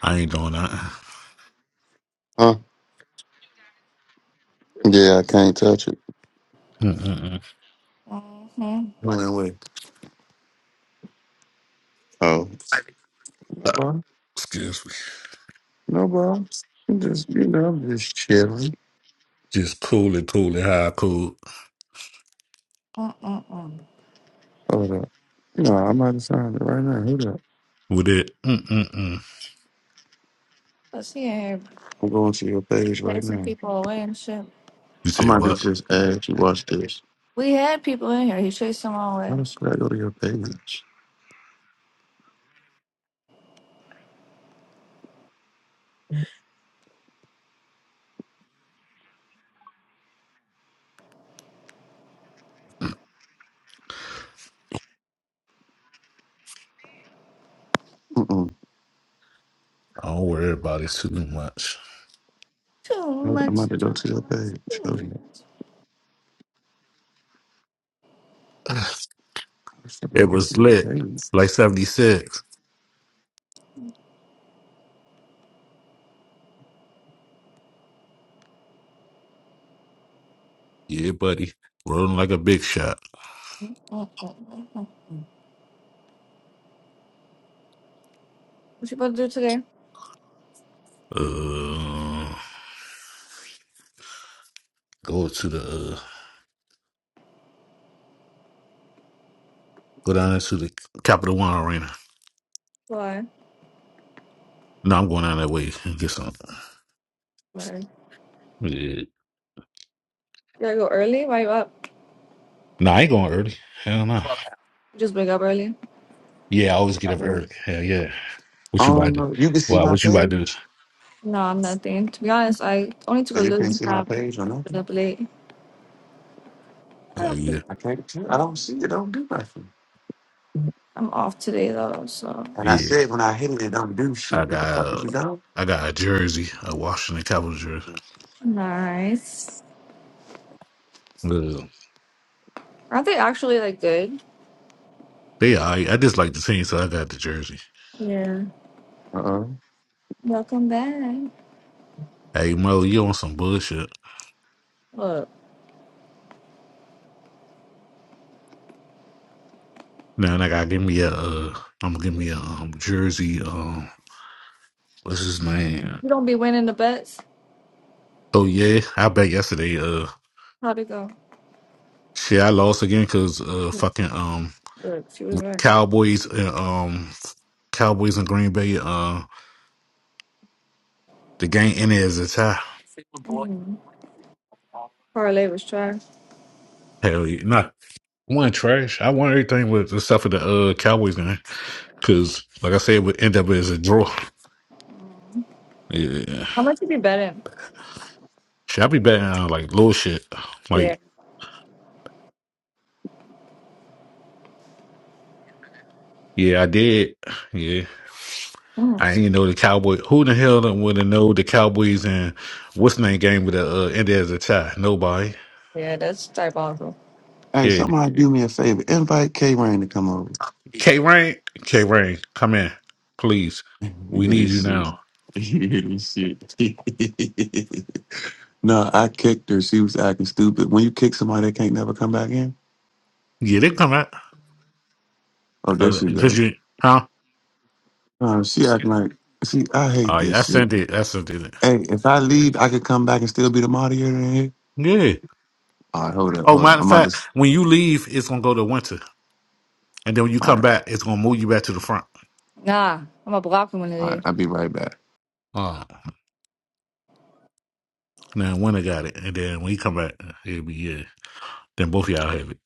I ain't doing that. Huh? Yeah, I can't touch it. Mm-mm-mm. Mm-hmm. Went away. Oh. No Uh, problem. excuse me. No problem. I'm just you know, I'm just chilling. Just cool and cool and high cool Mm-mm-mm. Hold up. You know, I might have signed it right now. Hold up. with it. Mm-mm-mm. Let's see I'm going to your page right chasing now. people away and shit. You I'm said about to what? just ask you, watch this. We had people in here. He chased them all How away. the fuck I go to your page? Mm-mm. I don't worry about it too much. Too I'm much, about to too go to your much, page. Oh, too much. yeah. <sighs> How the fuck I It get was to your lit, page? like seventy six. Yeah, buddy, rolling like a big shot. What you about to do today? Uh, go to the uh, Go down to the Capital One Arena. Why? No, I'm going down that way and get some. Why? You Yeah. gotta go early? Why you up? No, I ain't going early. Hell no. You just wake up early? Yeah, I always get up early. Hell yeah. What you about Oh, to do? no. You can see Well, my what you about to do? page? No, I'm nothing. To be honest, I only took a So you little can't see my nap. page or Been nothing? up late. Oh Up. yeah, I can't tell. I don't see it. don't do nothing. I'm off today though, so And I yeah. said when I hit it, it don't do I shit. What the got fuck is uh, you doing? I got a jersey, a Washington Capitals jersey. nice. Uh, Aren't they actually like good? they I I just like the team, so I got the jersey. Yeah. Uh-uh. Welcome back. Hey, Mo, you on some bullshit? Look, Now I gotta give me a uh, I'm gonna give me a um, jersey. Um, what's his name? you don't be winning the bets. Oh yeah, I bet yesterday. Uh. How'd it go? Shit, I lost again because uh, fucking um Look, she was right. Cowboys uh, um Cowboys in Green Bay uh the game ended as a tie. Mm. Parlay was trash. Hell yeah, nah, I won trash. I won everything with except for the uh Cowboys game because like I said, it would end up as a draw. Yeah, How much did you bet him? should I be betting on like little shit? Yeah. Like yeah, I did. Yeah. Mm. I didn't know the Cowboy. Who the hell would have know the Cowboys and what's name game with the uh, ended as a tie? Nobody. Yeah, that's diabolical. Hey, Yeah. somebody do me a favor. Invite K Rain to come over. <laughs> K Rain, K Rain, come in, please. You We hear need this you shit. now. <laughs> You hear this shit. <laughs> No, I kicked her. She was acting stupid. When you kick somebody, they can't never come back in. Yeah, they come out Oh, there she because go. you, huh? Uh, she acting like see, I hate Oh yeah, I this shit. sent it. I sent it. Hey, if I leave, I could come back and still be the moderator in here. Yeah. All right, hold up, Oh, hold up. matter of I'm about to. fact, s- when you leave, it's gonna go to winter, and then when you All come right, back, it's gonna move you back to the front. Nah, I'm a block him when I all right. leave. I'll be right back. Oh. Now winter got it, and then when you come back, it'll be yeah. Then both of y'all have it.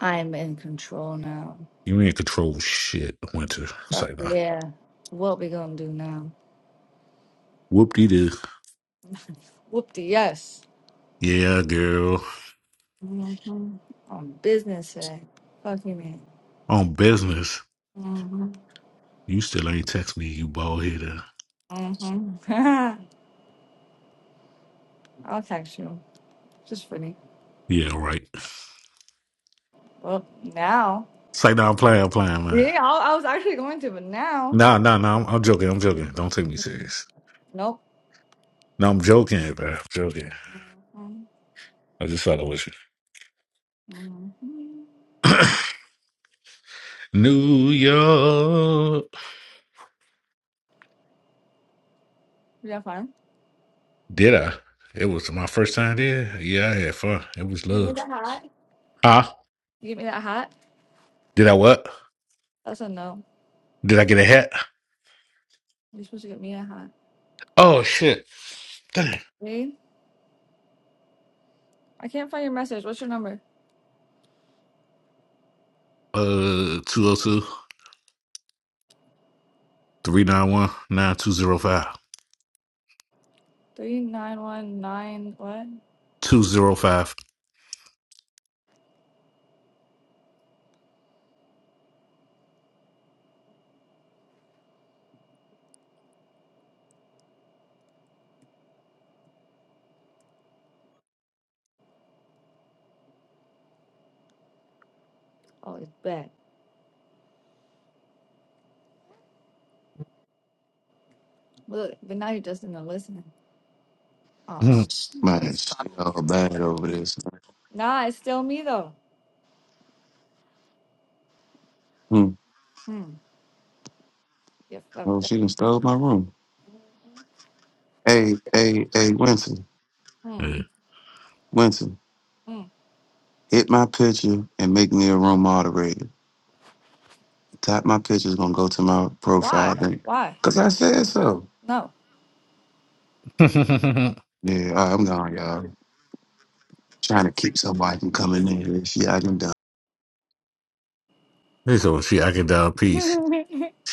I'm in control now. You ain't control shit, winter. But Say no. yeah, what we gonna do now? Whoop de doo. Whoop the yes. Yeah, girl. Mm-hmm. On business today. Fuck you, man. On business, Mm-hmm. you still ain't text me, you bald header. Mm-hmm. <laughs> I'll text you. Just funny. Yeah, right. Well, now. Say no, I'm playing, I'm playing, man. Yeah, I, I was actually going to, but now. No, no, no, I'm, I'm joking, I'm joking. Don't take me Mhm. serious. Nope. No, I'm joking, bro. I'm joking. I just thought I was you. Mm-hmm. <coughs> New York. You got fun? Did I? It was my first time there. Yeah, I had fun. It was You give me love. that hat. Huh? You give me that hat. Did I what? That's a no. Did I get a hat? You're supposed to get me a hat. Oh shit. Dang. Wait, I can't find your message. What's your number? Uh 202 391 9205. Three nine one nine what? 205. Oh, it's back. Look, but now you're just in the listening. Oh shit. Man, she all bad over this. Nah, it's still me though. Hmm. Hmm. You Oh, fucked up. she done stole my room. Hey, hey, hey, Winston, Hmm. Yeah. Winston, Hmm. hit my picture and make me a room moderator. Tap my picture's gonna go to my profile Why? thing. Why? Cause I said so. No. <laughs> Yeah, all right, I'm gone, y'all. Trying to keep somebody from coming in. here. This shit I done done. They said, "Well, she acting down <laughs> I peace.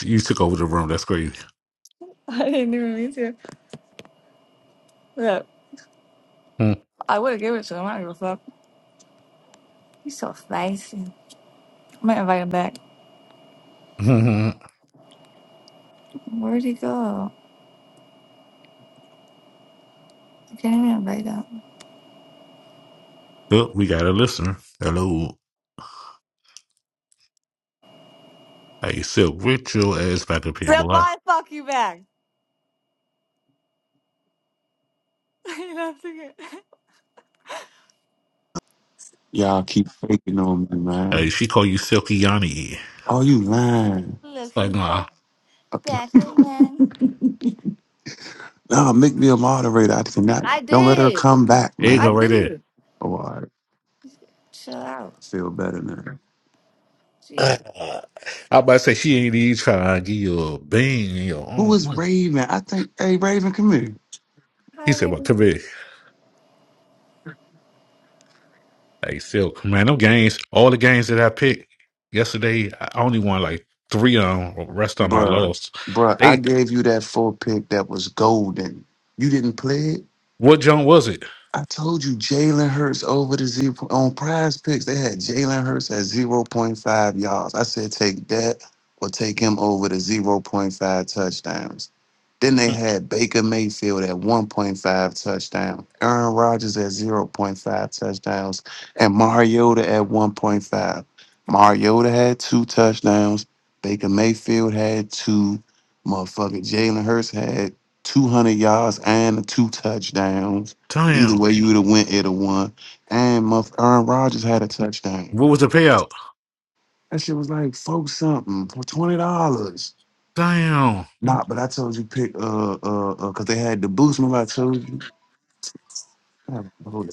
You took over the room. That's crazy. didn't even mean to. Look, I would have given it to him. I don't give a fuck. He's so spicy. I might invite him back. <laughs> Where'd he go? I can't even invite him. Oh, we got a listener. Hello. Hey, Silk, get your ass back up here, Silk, boy. why the fuck you back? <laughs> you know, what I'm thinking, Y'all keep faking on me, Hey, man. she call you Silky Yanni. Oh, you lying. It's Look Like, who's back. nah. Okay. back again. No, make me a moderator. I cannot. I Don't let her did. come back, There you I go, man. right there. did. <sighs> Oh, all right. I Chill out. feel better now. Jesus. Uh, I about to say she ain't even trying to give you a bean in your Who own is money. Raven? I think, hey, Raven, come here. He Hi, said, well, baby. come here. Hey, Silk, man, them games, all the games that I picked yesterday, I only won like three of them. The rest of them I Bruh, lost. bruh, I They, gave you that four pick that was golden. You didn't play it? what jump was it? I told you Jalen Hurts over the zero on prize picks. They had Jalen Hurts at zero point 0.5 yards. I said take that or take him over the zero point 0.5 touchdowns. Then they had Baker Mayfield at 1.5 touchdowns, Aaron Rodgers at zero point 0.5 touchdowns, and Mariota at 1.5. Mariota had two touchdowns. Baker Mayfield had two. Motherfucker Jalen Hurts had 200 yards and two touchdowns. Either Damn. way, you would have went at a one. And my Aaron Rodgers had a touchdown. What was the payout? That shit was like four something for twenty dollars. Damn. Nah, but I told you pick uh uh uh because they had the boost. Remember I told you. God oh,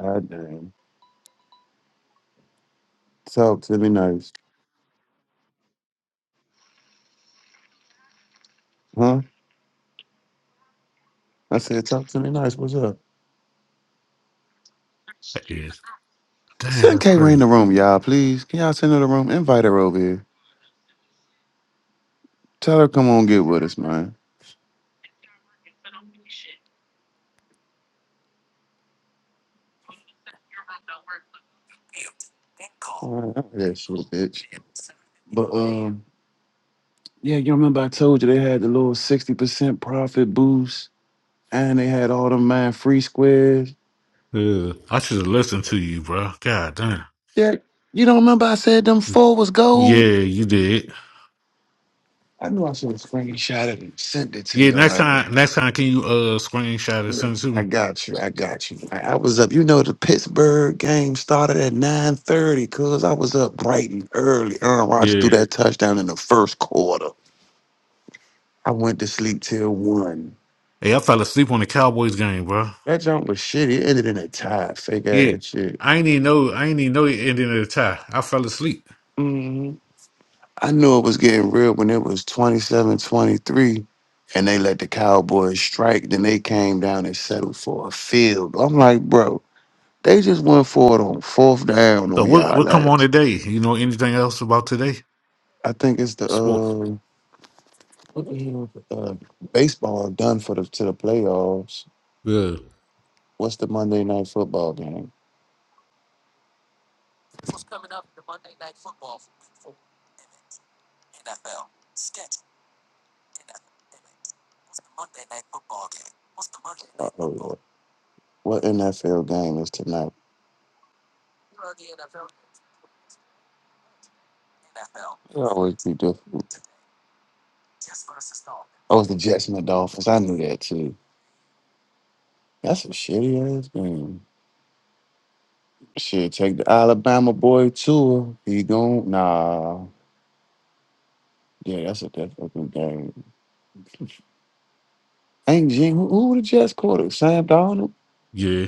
God damn. Talk to me nice, huh? I said talk to me nice. What's up? That is, damn, Send that's K Ray in crazy. the room, y'all. Please, can y'all send her the room? Invite her over here. Tell her come on get with us, man. Oh, that shit, bitch. But um, yeah, you remember I told you they had the little sixty percent profit boost And they had all them man free squares. Yeah, I should have listened to you, bro. God damn. Yeah, you don't remember I said them four was gold? Yeah, you did. I knew I should have screenshot it and sent it to Yeah, your next ass. time, next time, can you uh screenshot and send it to I me? got you. I got you. I, I was up. You know the Pittsburgh game started at nine thirty, cause I was up bright and early. Aaron Rodgers Yeah. threw that touchdown in the first quarter. I went to sleep till one. Hey, I fell asleep on the Cowboys game, bro. That jump was shitty. It ended in a tie. Fake Yeah, ass shit. I ain't even know. I ain't even know it ended in a tie. I fell asleep. Mm-hmm. I knew it was getting real when it was 27, 23, and they let the Cowboys strike. Then they came down and settled for a field. I'm like, bro, they just went for it on fourth down So on what? y'all What come on last. today? You know anything else about today? I think it's the Sport. uh, what the hell is it? uh baseball done for the to the playoffs. Yeah. What's the Monday night football game? Uh-oh, Lord. What NFL game is tonight? It always be different. Oh, it's the Jets and the Dolphins. I knew that too. That's a shitty ass game. Shit, take the Alabama boy tour. He gon' nah. Yeah, that's a that fucking game. Ain't Jing who, who the Jets quarterback? Sam Donald. Yeah.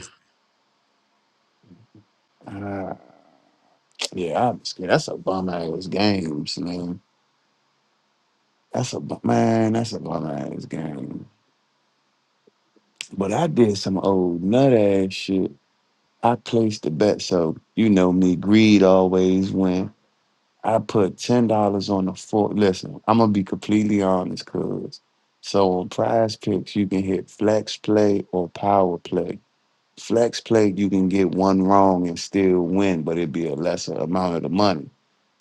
Uh, yeah, I'm scared. That's a bum ass game, man. That's a bu- man. That's a bum ass game. But I did some old nut ass shit. I placed the bet, so you know me. Greed always win. I put ten dollars on the four. Listen, I'm gonna be completely honest, cuz. So on Prize Picks, you can hit Flex Play or Power Play. Flex Play, you can get one wrong and still win, but it'd be a lesser amount of the money.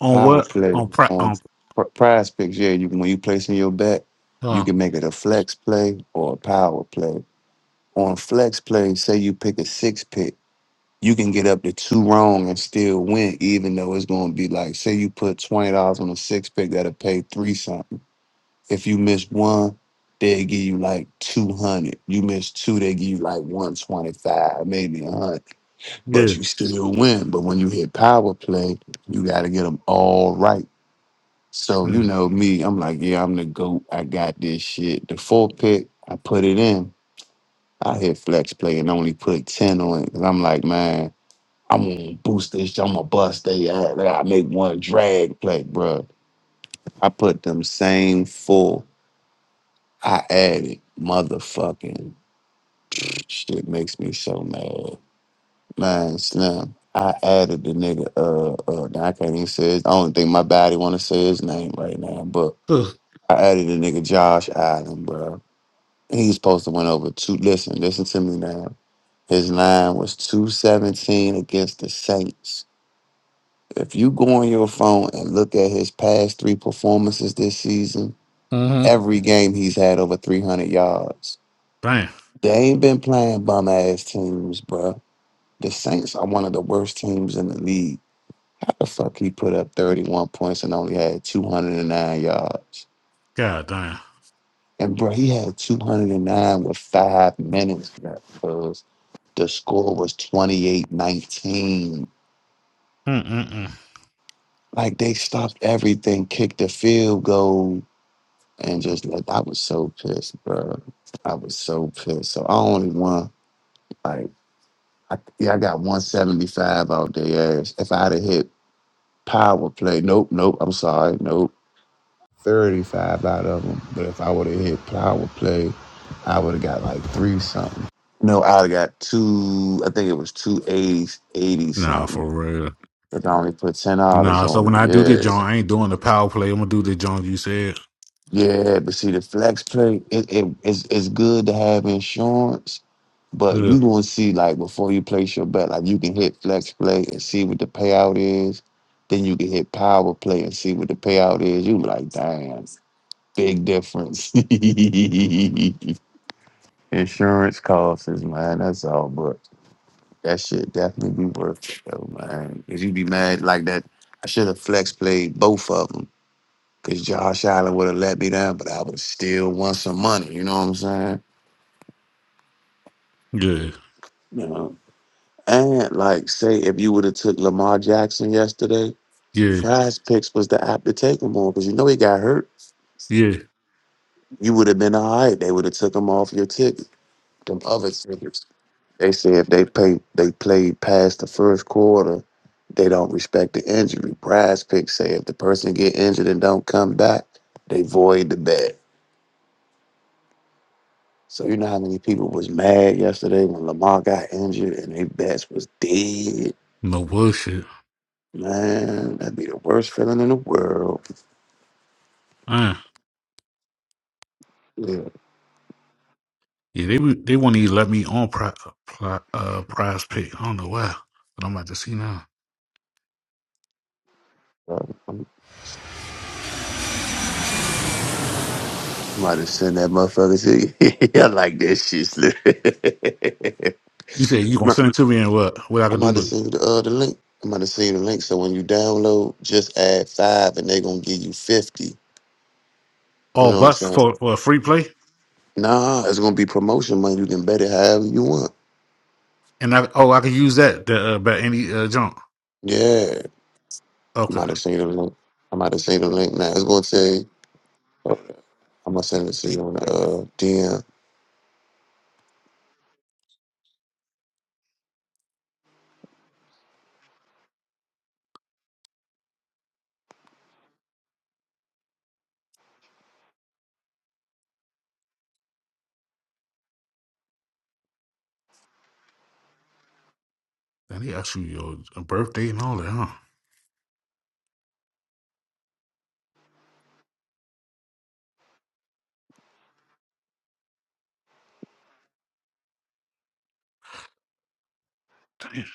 On Power what? Play On pra- on on. pr- Prize Picks, yeah, you can when you placing your bet, you Uh, can make it a Flex Play or a Power Play. On Flex Play, say you pick a six pick you can get up to two wrong and still win, even though it's going to be like, say you put twenty dollars on a six pick that'll pay three something. If you miss one, they give you like two hundred. You miss two, they give you like one twenty five, maybe a hundred. yeah. But you still win. But when you hit power play, you got to get them all right. So you yeah. know me, I'm like, yeah, I'm the goat. I got this shit. The four pick, I put it in. I hit flex play and only put ten on it. 'Cause I'm like, man. I'm gonna boost this. I'm gonna bust they ass. I make one drag play, bro. I put them same full. I added motherfucking shit. Makes me so mad, man. Slim. I added the nigga. Uh, uh. now I can't even say. His, I don't think my body want to say his name right now, but Uh I added the nigga Josh Allen, bruh. He's supposed to went over two. Listen, listen to me now. His line was two seventeen against the Saints. If you go on your phone and look at his past three performances this season, huh. every game he's had over 300 yards. Damn. They ain't been playing bum ass teams, bruh. The Saints are one of the worst teams in the league. How the fuck he put up 31 points and only had 209 yards? God damn. And bro, he had 209 with five minutes left because the score was 28 19. Mm-mm-mm. Like they stopped everything, kicked the field goal and just like I was so pissed, bro. I was so pissed. So I only won like I, yeah, I got 175 out their ass. If I'd have hit power play, nope, nope. I'm sorry, nope. 35 out of them. But if I would have hit power play, I would have got like three something. No, I'd have got two. I think it was two eighties, eighty Nah, something. for real. But I only put ten dollars Nah, so on when it. I do the joint, I ain't doing the power play. I'm gonna do the joint you said. Yeah, yeah. But see, the flex play, it, it, it's it's good to have insurance But you Good, gonna see like before you place your bet, like you can hit flex play and see what the payout is. Then you can hit power play and see what the payout is. You be like, damn, big difference. <laughs> Insurance costs, man. That's all. But that shit definitely be worth it, though, man. Cause you be mad like that. I should have flex played both of them. Cause Josh Allen would have let me down, but I would have still won some money. You know what I'm saying? good, You know. And like, say if you would have took Lamar Jackson yesterday, yeah, Prize Picks was the app to take him on because you know he got hurt. yeah. You would have been all right. They would have took him off your ticket. Them other tickets. They say if they play, they played past the first quarter, they don't respect the injury. Prize Picks say if the person get injured and don't come back, they void the bet. So you know how many people was mad yesterday when Lamar got injured and they bets was dead. No bullshit. Man, that'd be the worst feeling in the world. Uh, Yeah. yeah, they would- they won't even let me on pri- pri- uh, prize pick. I don't know why, but I'm about to see now. I'm i about to send that motherfucker to you. <laughs> I like that shit, Slim. <laughs> You said you gonna No, send it to me and what what I I'm could do about to with it? send you the, uh, the link. I'm about to send you the link. So when you download, just add five and they're going to give you 50. You Oh, know what I'm bucks saying? for, for a free play, Nah, it's going to be promotion money. You can bet it however you want. and I oh I could use that to uh, bet any uh, junk. Yeah. I'm Okay, about to send you the link. I'm about to send you the link now. It's going to say, I'm going to send it to you on the uh, DM. then they ask you your uh, birthday and all that, huh? Damn.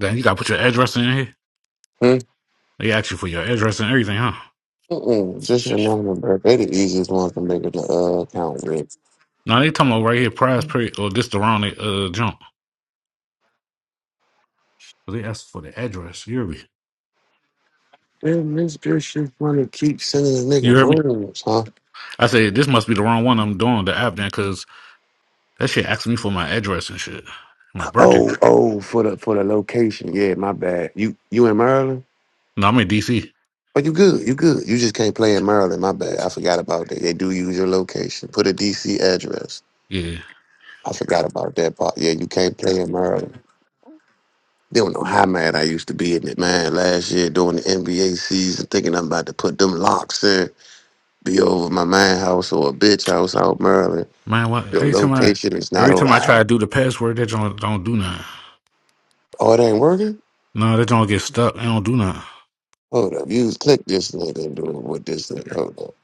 Then you gotta put your address in here. Hmm? They ask you for your address and everything, huh? Mm-mm, just your name and birthday. They the easiest ones to make it the uh, account, with. Now they talking about right here, prize period, or this the wrong uh jump. 'Cause They asked for the address. You hear me? Damn, this bitch just wanna keep sending the You nigga heard me? rooms, huh? I said this must be the wrong one. I'm doing the app then, cause that shit asked me for my address and shit, my birthday. Oh, oh, for the for the location. Yeah, my bad. You you in Maryland? No, I'm in DC. Oh, you good? You good? You just can't play in Maryland. My bad. I forgot about that. They do use your location. Put a DC address. Yeah, I forgot about that part. Yeah, you can't play in Maryland. They don't know how mad I used to be in it, man. Last year during the NBA season, thinking I'm about to put them locks in, be over my man house or a bitch house out Maryland. man. What Your every time I location is not every time I try to allowed. do the password, they don't don't do nothing. Oh, it ain't working. No, they don't get stuck. They don't do nothing. Hold up, you just click this link and do it with this link. Hold up,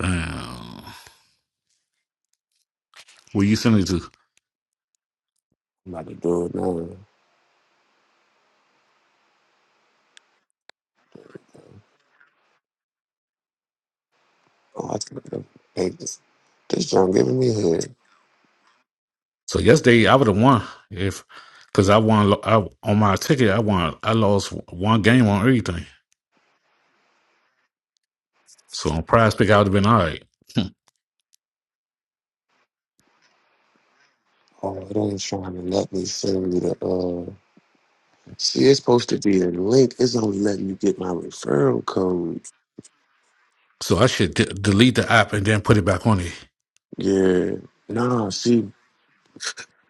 Damn. Where you sending it to? I'm about to do it now. Oh, I clicked up. Hey, this, this John giving me head. So yesterday I would have won if, cause I won. I on my ticket I won. I lost one game on everything. So on Prize Pick, I would have been all right. Hmm. Oh, it ain't trying to let me send you the. Uh, see, it's supposed to be a link. It's only letting you get my referral code. So I should de- delete the app and then put it back on it. Yeah, nah. See,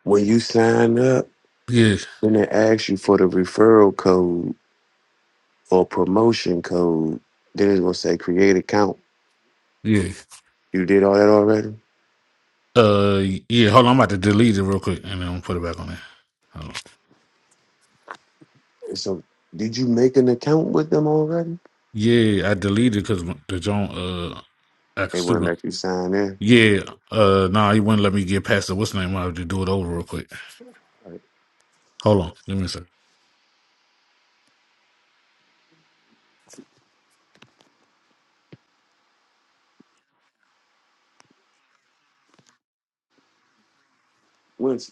when you sign up, Yeah, then it asks you for the referral code. or promotion code, then it's gonna say create account. yeah. You did all that already? Uh, yeah. Hold on, I'm about to delete it real quick and then I'll put it back on there. Hold on. And so did you make an account with them already? Yeah, I deleted because the John uh act They wouldn't stupid. let you sign in. Yeah, uh, nah, he wouldn't let me get past the what's the name. I have to do it over real quick. Like Hold on, let me see. once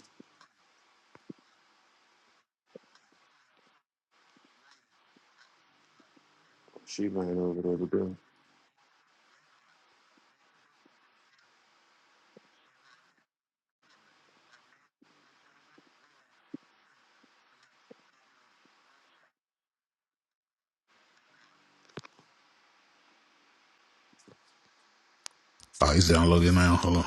she ran over there to go. Oh, he's downloading now. Hold on.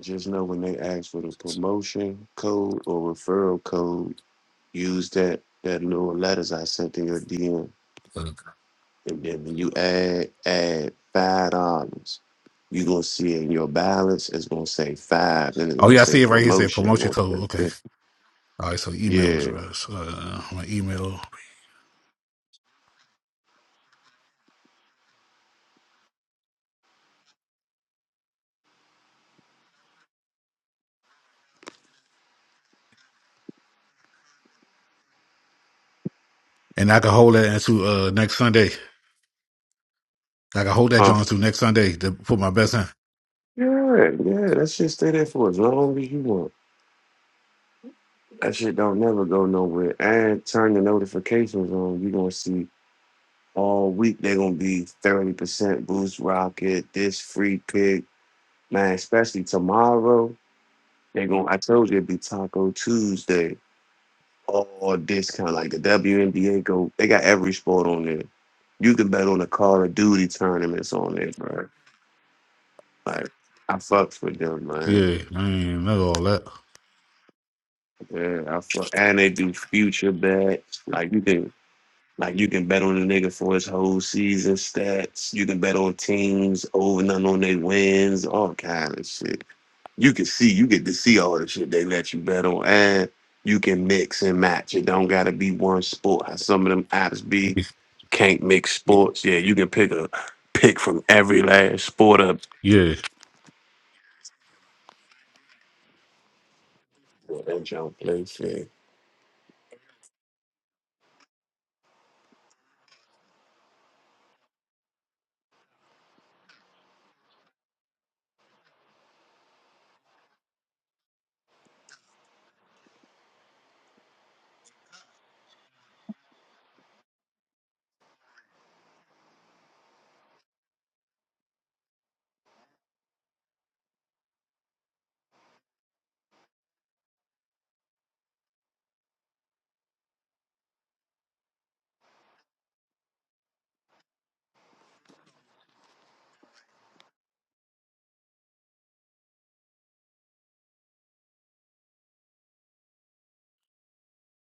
Just know when they ask for the promotion code or referral code, use that that little letters I sent in your DM. Uh, And then when you add add five dollars, you gonna see in your balance it's gonna say five, then it's oh gonna yeah, I say see it right here. It Said promotion. it's promotion gonna code. say Okay. fif- All right, so email Yeah. address. Uh, my email, and I can hold that until uh next Sunday. Like I hold that Huh? Jones through next Sunday to put my best in. Yeah, yeah, that shit stay there for as long as you want. That shit don't never go nowhere. And turn the notifications on. you gonna see all week they gonna be 30% boost rocket, this free pick. Man, especially tomorrow, they gonna I told you it'd be Taco Tuesday. All discount like the WNBA go they got every sport on there. You can bet on the Call of Duty tournaments on there, bro. Like I fucks with them, man. Yeah, I ain't know all that. Yeah, I fuck, and they do future bets. Like you can, like you can bet on a nigga for his whole season stats. You can bet on teams over and under on their wins, all kind of shit. You can see, you get to see all the shit they let you bet on, and you can mix and match. It don't gotta be one sport. How some of them apps be can't mix sports. Yeah, you can pick a pick from every last sport up. Yeah. Yeah, that junk place. Yeah.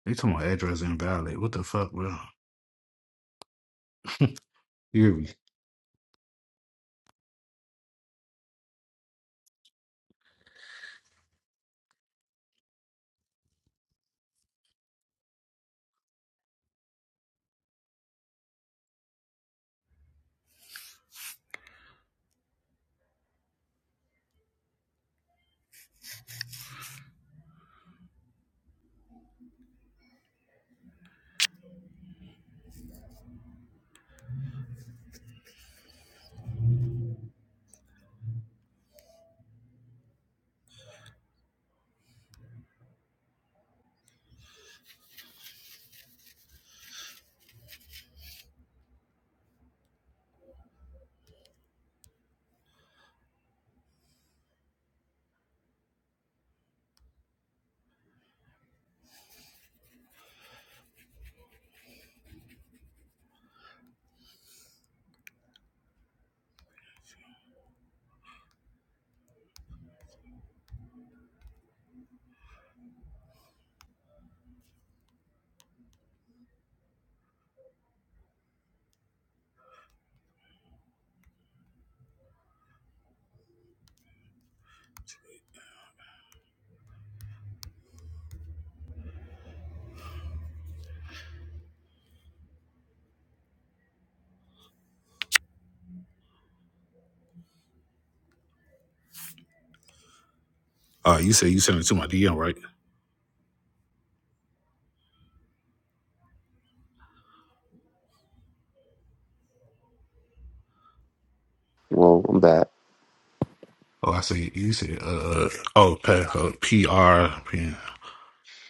They talking about address invalid. What the fuck, bro? Hear me. Uh, you said you sent it to my DM, right? Well, I'm back. Oh, I said You said, uh, oh, pack up, PR.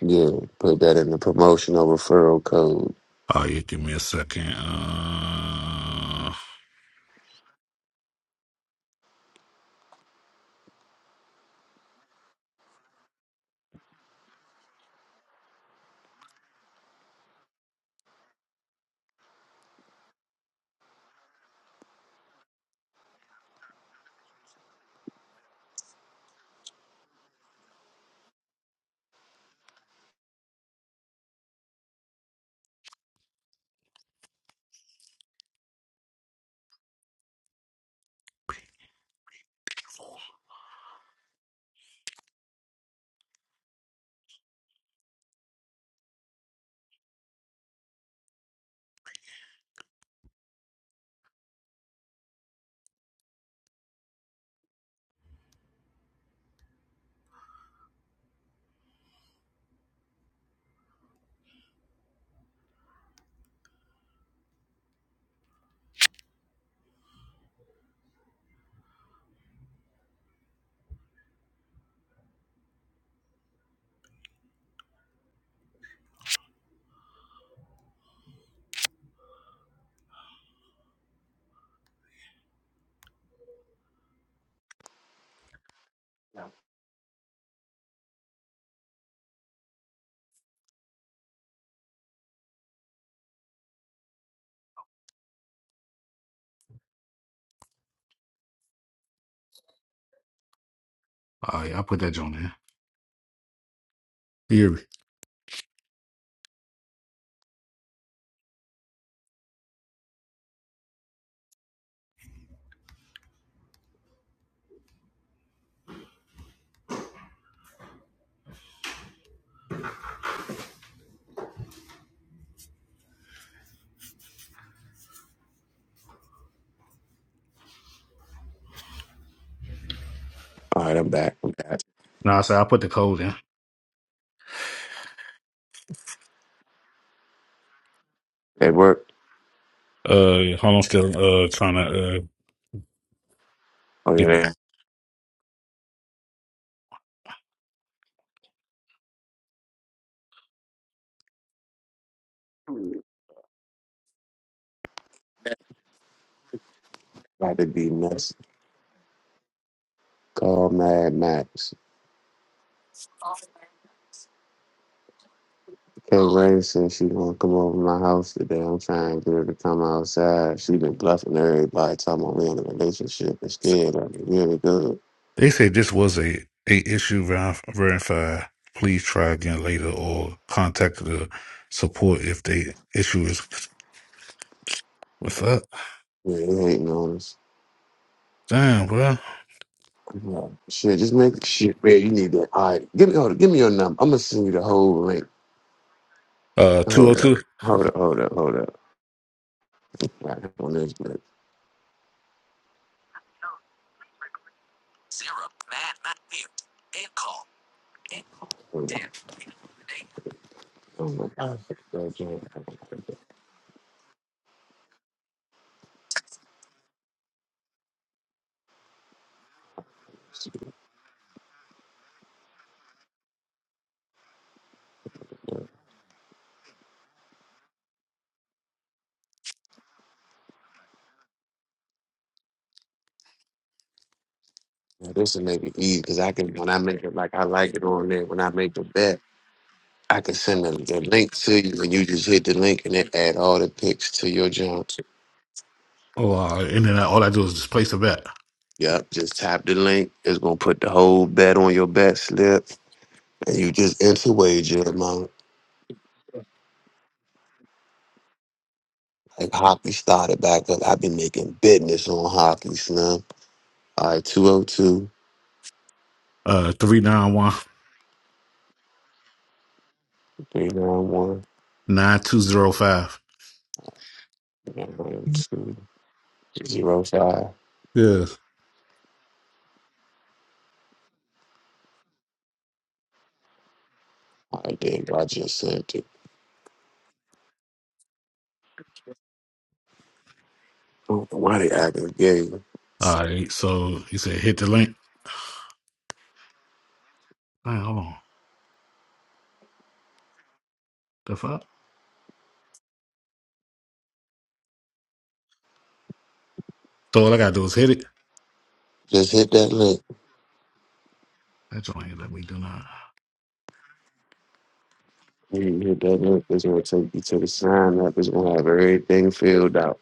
Yeah, put that in the promotional referral code. Oh, yeah, give me a second. Uh, oh, yeah, I put that joint in. You hear me? All right, I'm back. I'm back. No, I said I put the code in. At work. Uh, hold on, still, uh, trying to, uh, Oh yeah, get they that. about to be nuts. Call Mad Max. Kay Ray said she gonna come over to my house today. I'm trying to get her to come outside. She been bluffing everybody, talking about we in a relationship instead. I mean, really good. They say this was a, a issue ver- verified. Please try again later or contact the support if the issue is. What's up? Yeah, they hating on us. Damn, bro. Yeah. Shit, just make shit, man. You need that. All right, give me hold. up, Give me your number. I'm gonna send you the whole link. Uh, 202. Oh, Hold up. two. Hold up. Hold up. Hold up. Right on this, but. Hold up. Oh my God. Now, this will make it easy because I can when I make it like I like it on there. When I make the bet, I can send the, the link to you, and you just hit the link and it add all the picks to your jump. Oh, uh, and then all I do is just place a bet. Yep, just tap the link. It's gonna put the whole bet on your bet slip, and you just enter wager amount. Like hockey started back up. I've been making business on hockey, snub. All right, two oh two, Uh, 391 three nine one 9205. nine oh two zero five. 391 Yes. All right, there you go. I just sent it. I don't know Why they acting gay? All right. So you said hit the link. Man, hold on. The fuck? So all I gotta do is hit it. Just hit that link. That joint ain't let me do not. When you hit that link, it's gonna take you to the sign up. It's gonna have everything filled out.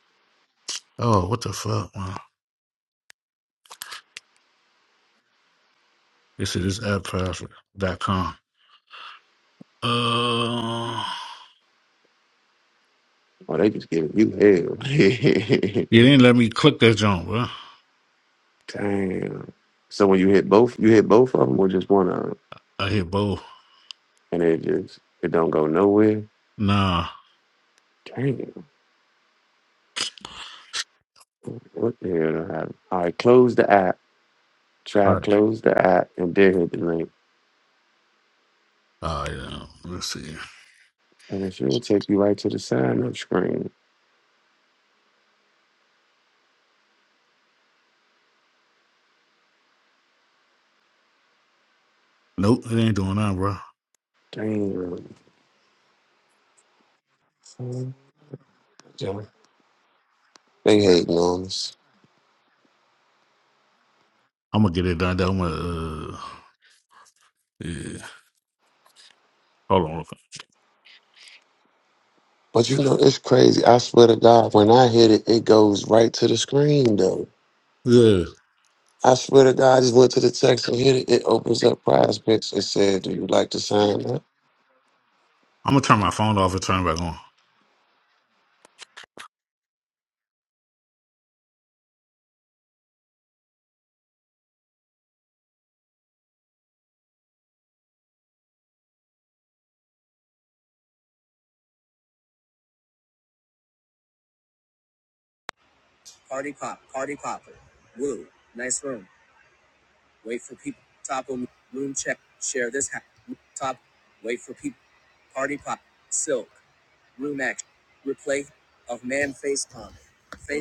Oh, what the fuck, man? This is apppassword.com. Uh Oh, they just giving you hell. You didn't let me click that jump, bro. <laughs> Damn. So when you hit both, you hit both of them or just one of them, I hit both. and it just it don't go nowhere. Nah. Damn. What the hell done happened? All right, close the app. Try All to right. close the app and then hit the link, All right. Um, let's see. and it should take you right to the sign up screen. Nope, it ain't doing that, bro. Damn. Son. They hating on us. I'm gonna get it done. I'm gonna. Uh, yeah. Hold on. But you know, it's crazy. I swear to God, when I hit it, it goes right to the screen though. Yeah. I swear to God, I just went to the text and hit it. It opens up prize picks. It said, Do you like to sign up? I'm gonna turn my phone off and turn it back on.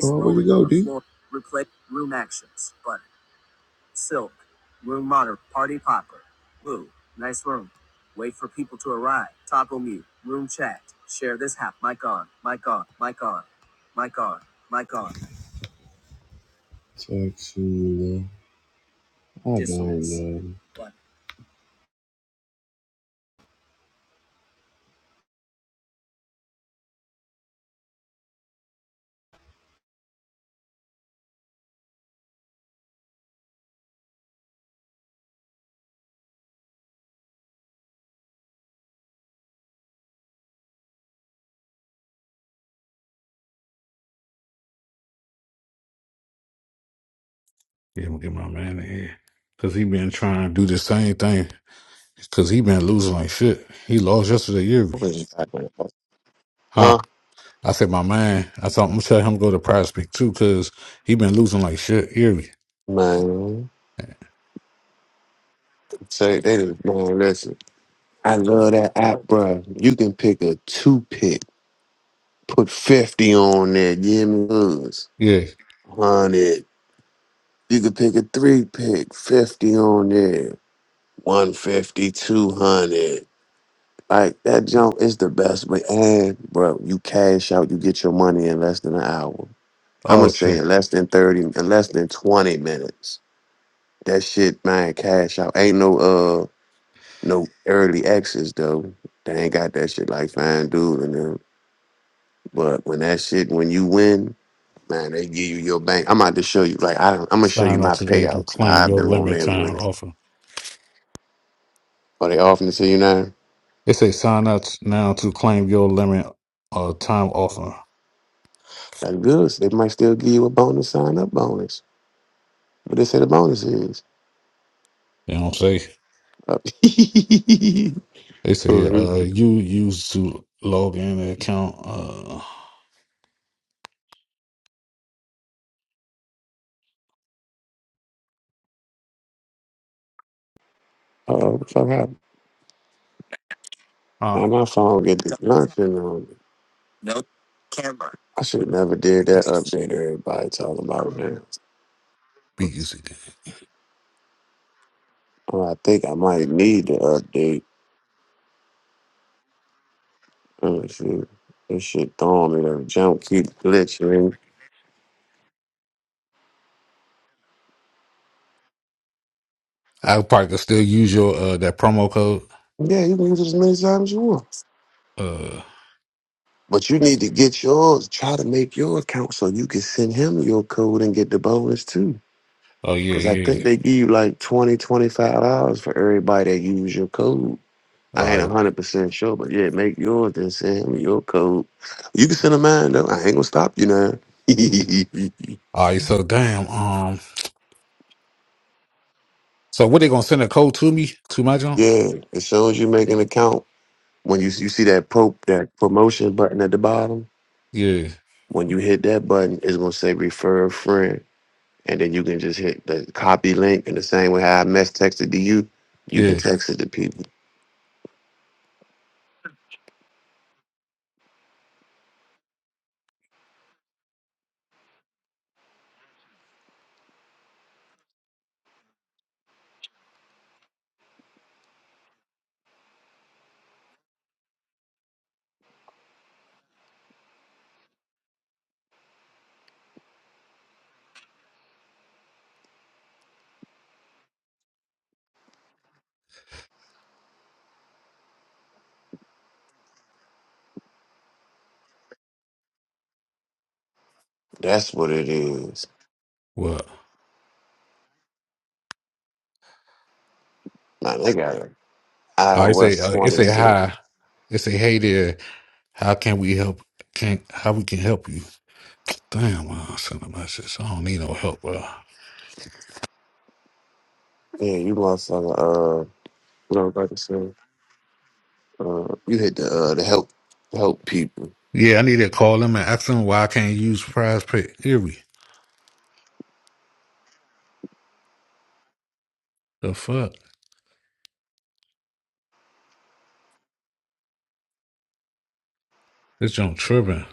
Oh, where we go, dude? Text you. I don't know. Yeah, I'm gonna get my man in here because he been trying to do the same thing. Because he been losing like shit. He lost yesterday, Yuri. What was you talking about? Huh? Huh? I said, my man. I thought I'm gonna tell him to go to Prospect too, cause he been losing like shit, Yuri. Man. So they just man, listen. I love that app, bro. You can pick a two pick, put fifty on there, give me goods. Yeah. Hundred. You can pick a three pick, fifty on there. One fifty, two hundred. Like that jump is the best way. And bro, you cash out, you get your money in less than an hour. I'ma Oh shit. say in less than 30, in less than 20 minutes. That shit, man, cash out. Ain't no uh no early access though. They ain't got that shit like Fine Dude and them. But when that shit, when you win, man, they give you your bank. I'm about to show you, like, I, I'm gonna show you Sign up my today to payouts. How claim I've your been on limited there time winning. offer. Are they offering it to you now? It say sign up now to claim your limit uh, time offer. That's good. So they might still give you a bonus sign up bonus. But they say the bonus is. You know what I'm saying? up. <laughs> They say uh, you used to log in an account. Uh, Oh, fuck up. <laughs> uh, Now my phone get this nothing on me. I should never did that be, update everybody talking about now. be using it. Well, I think I might need the update Oh, shit. This shit thorny. That jump keep glitching. I probably could still use your uh, that promo code. Yeah, you can use it as many times as you want. Uh, But you need to get yours. Try to make your account so you can send him your code and get the bonus too. oh yeah, Because I yeah. think they give you like twenty, twenty five dollars for everybody that use your code. I All ain't right, 100% sure, but yeah, make yours then send him your code. You can send him mine though. I ain't going to stop you now. <laughs> yeah, all right. So damn. Um. So what they gonna send a code to me to my junk? as soon as you make an account, when you, you see that, pro, that promotion button at the bottom, Yeah, When you hit that button, it's gonna say refer a friend, and then you can just hit the copy link. And the same way how I mess texted to you, you can yeah. text it to people. That's what it is. What? Now they got it. I say iOS uh, it twenty say six. hi. It say hey there. How can we help? Can how we can help you? Damn, I sent a message. I don't need no help, bro. Yeah, you motherfucker. Uh, what I was about to say. Uh, you hit the uh, the help help people. Yeah, I need to call them and ask them why I can't use Prize Pick Erie. The fuck? This junk tripping.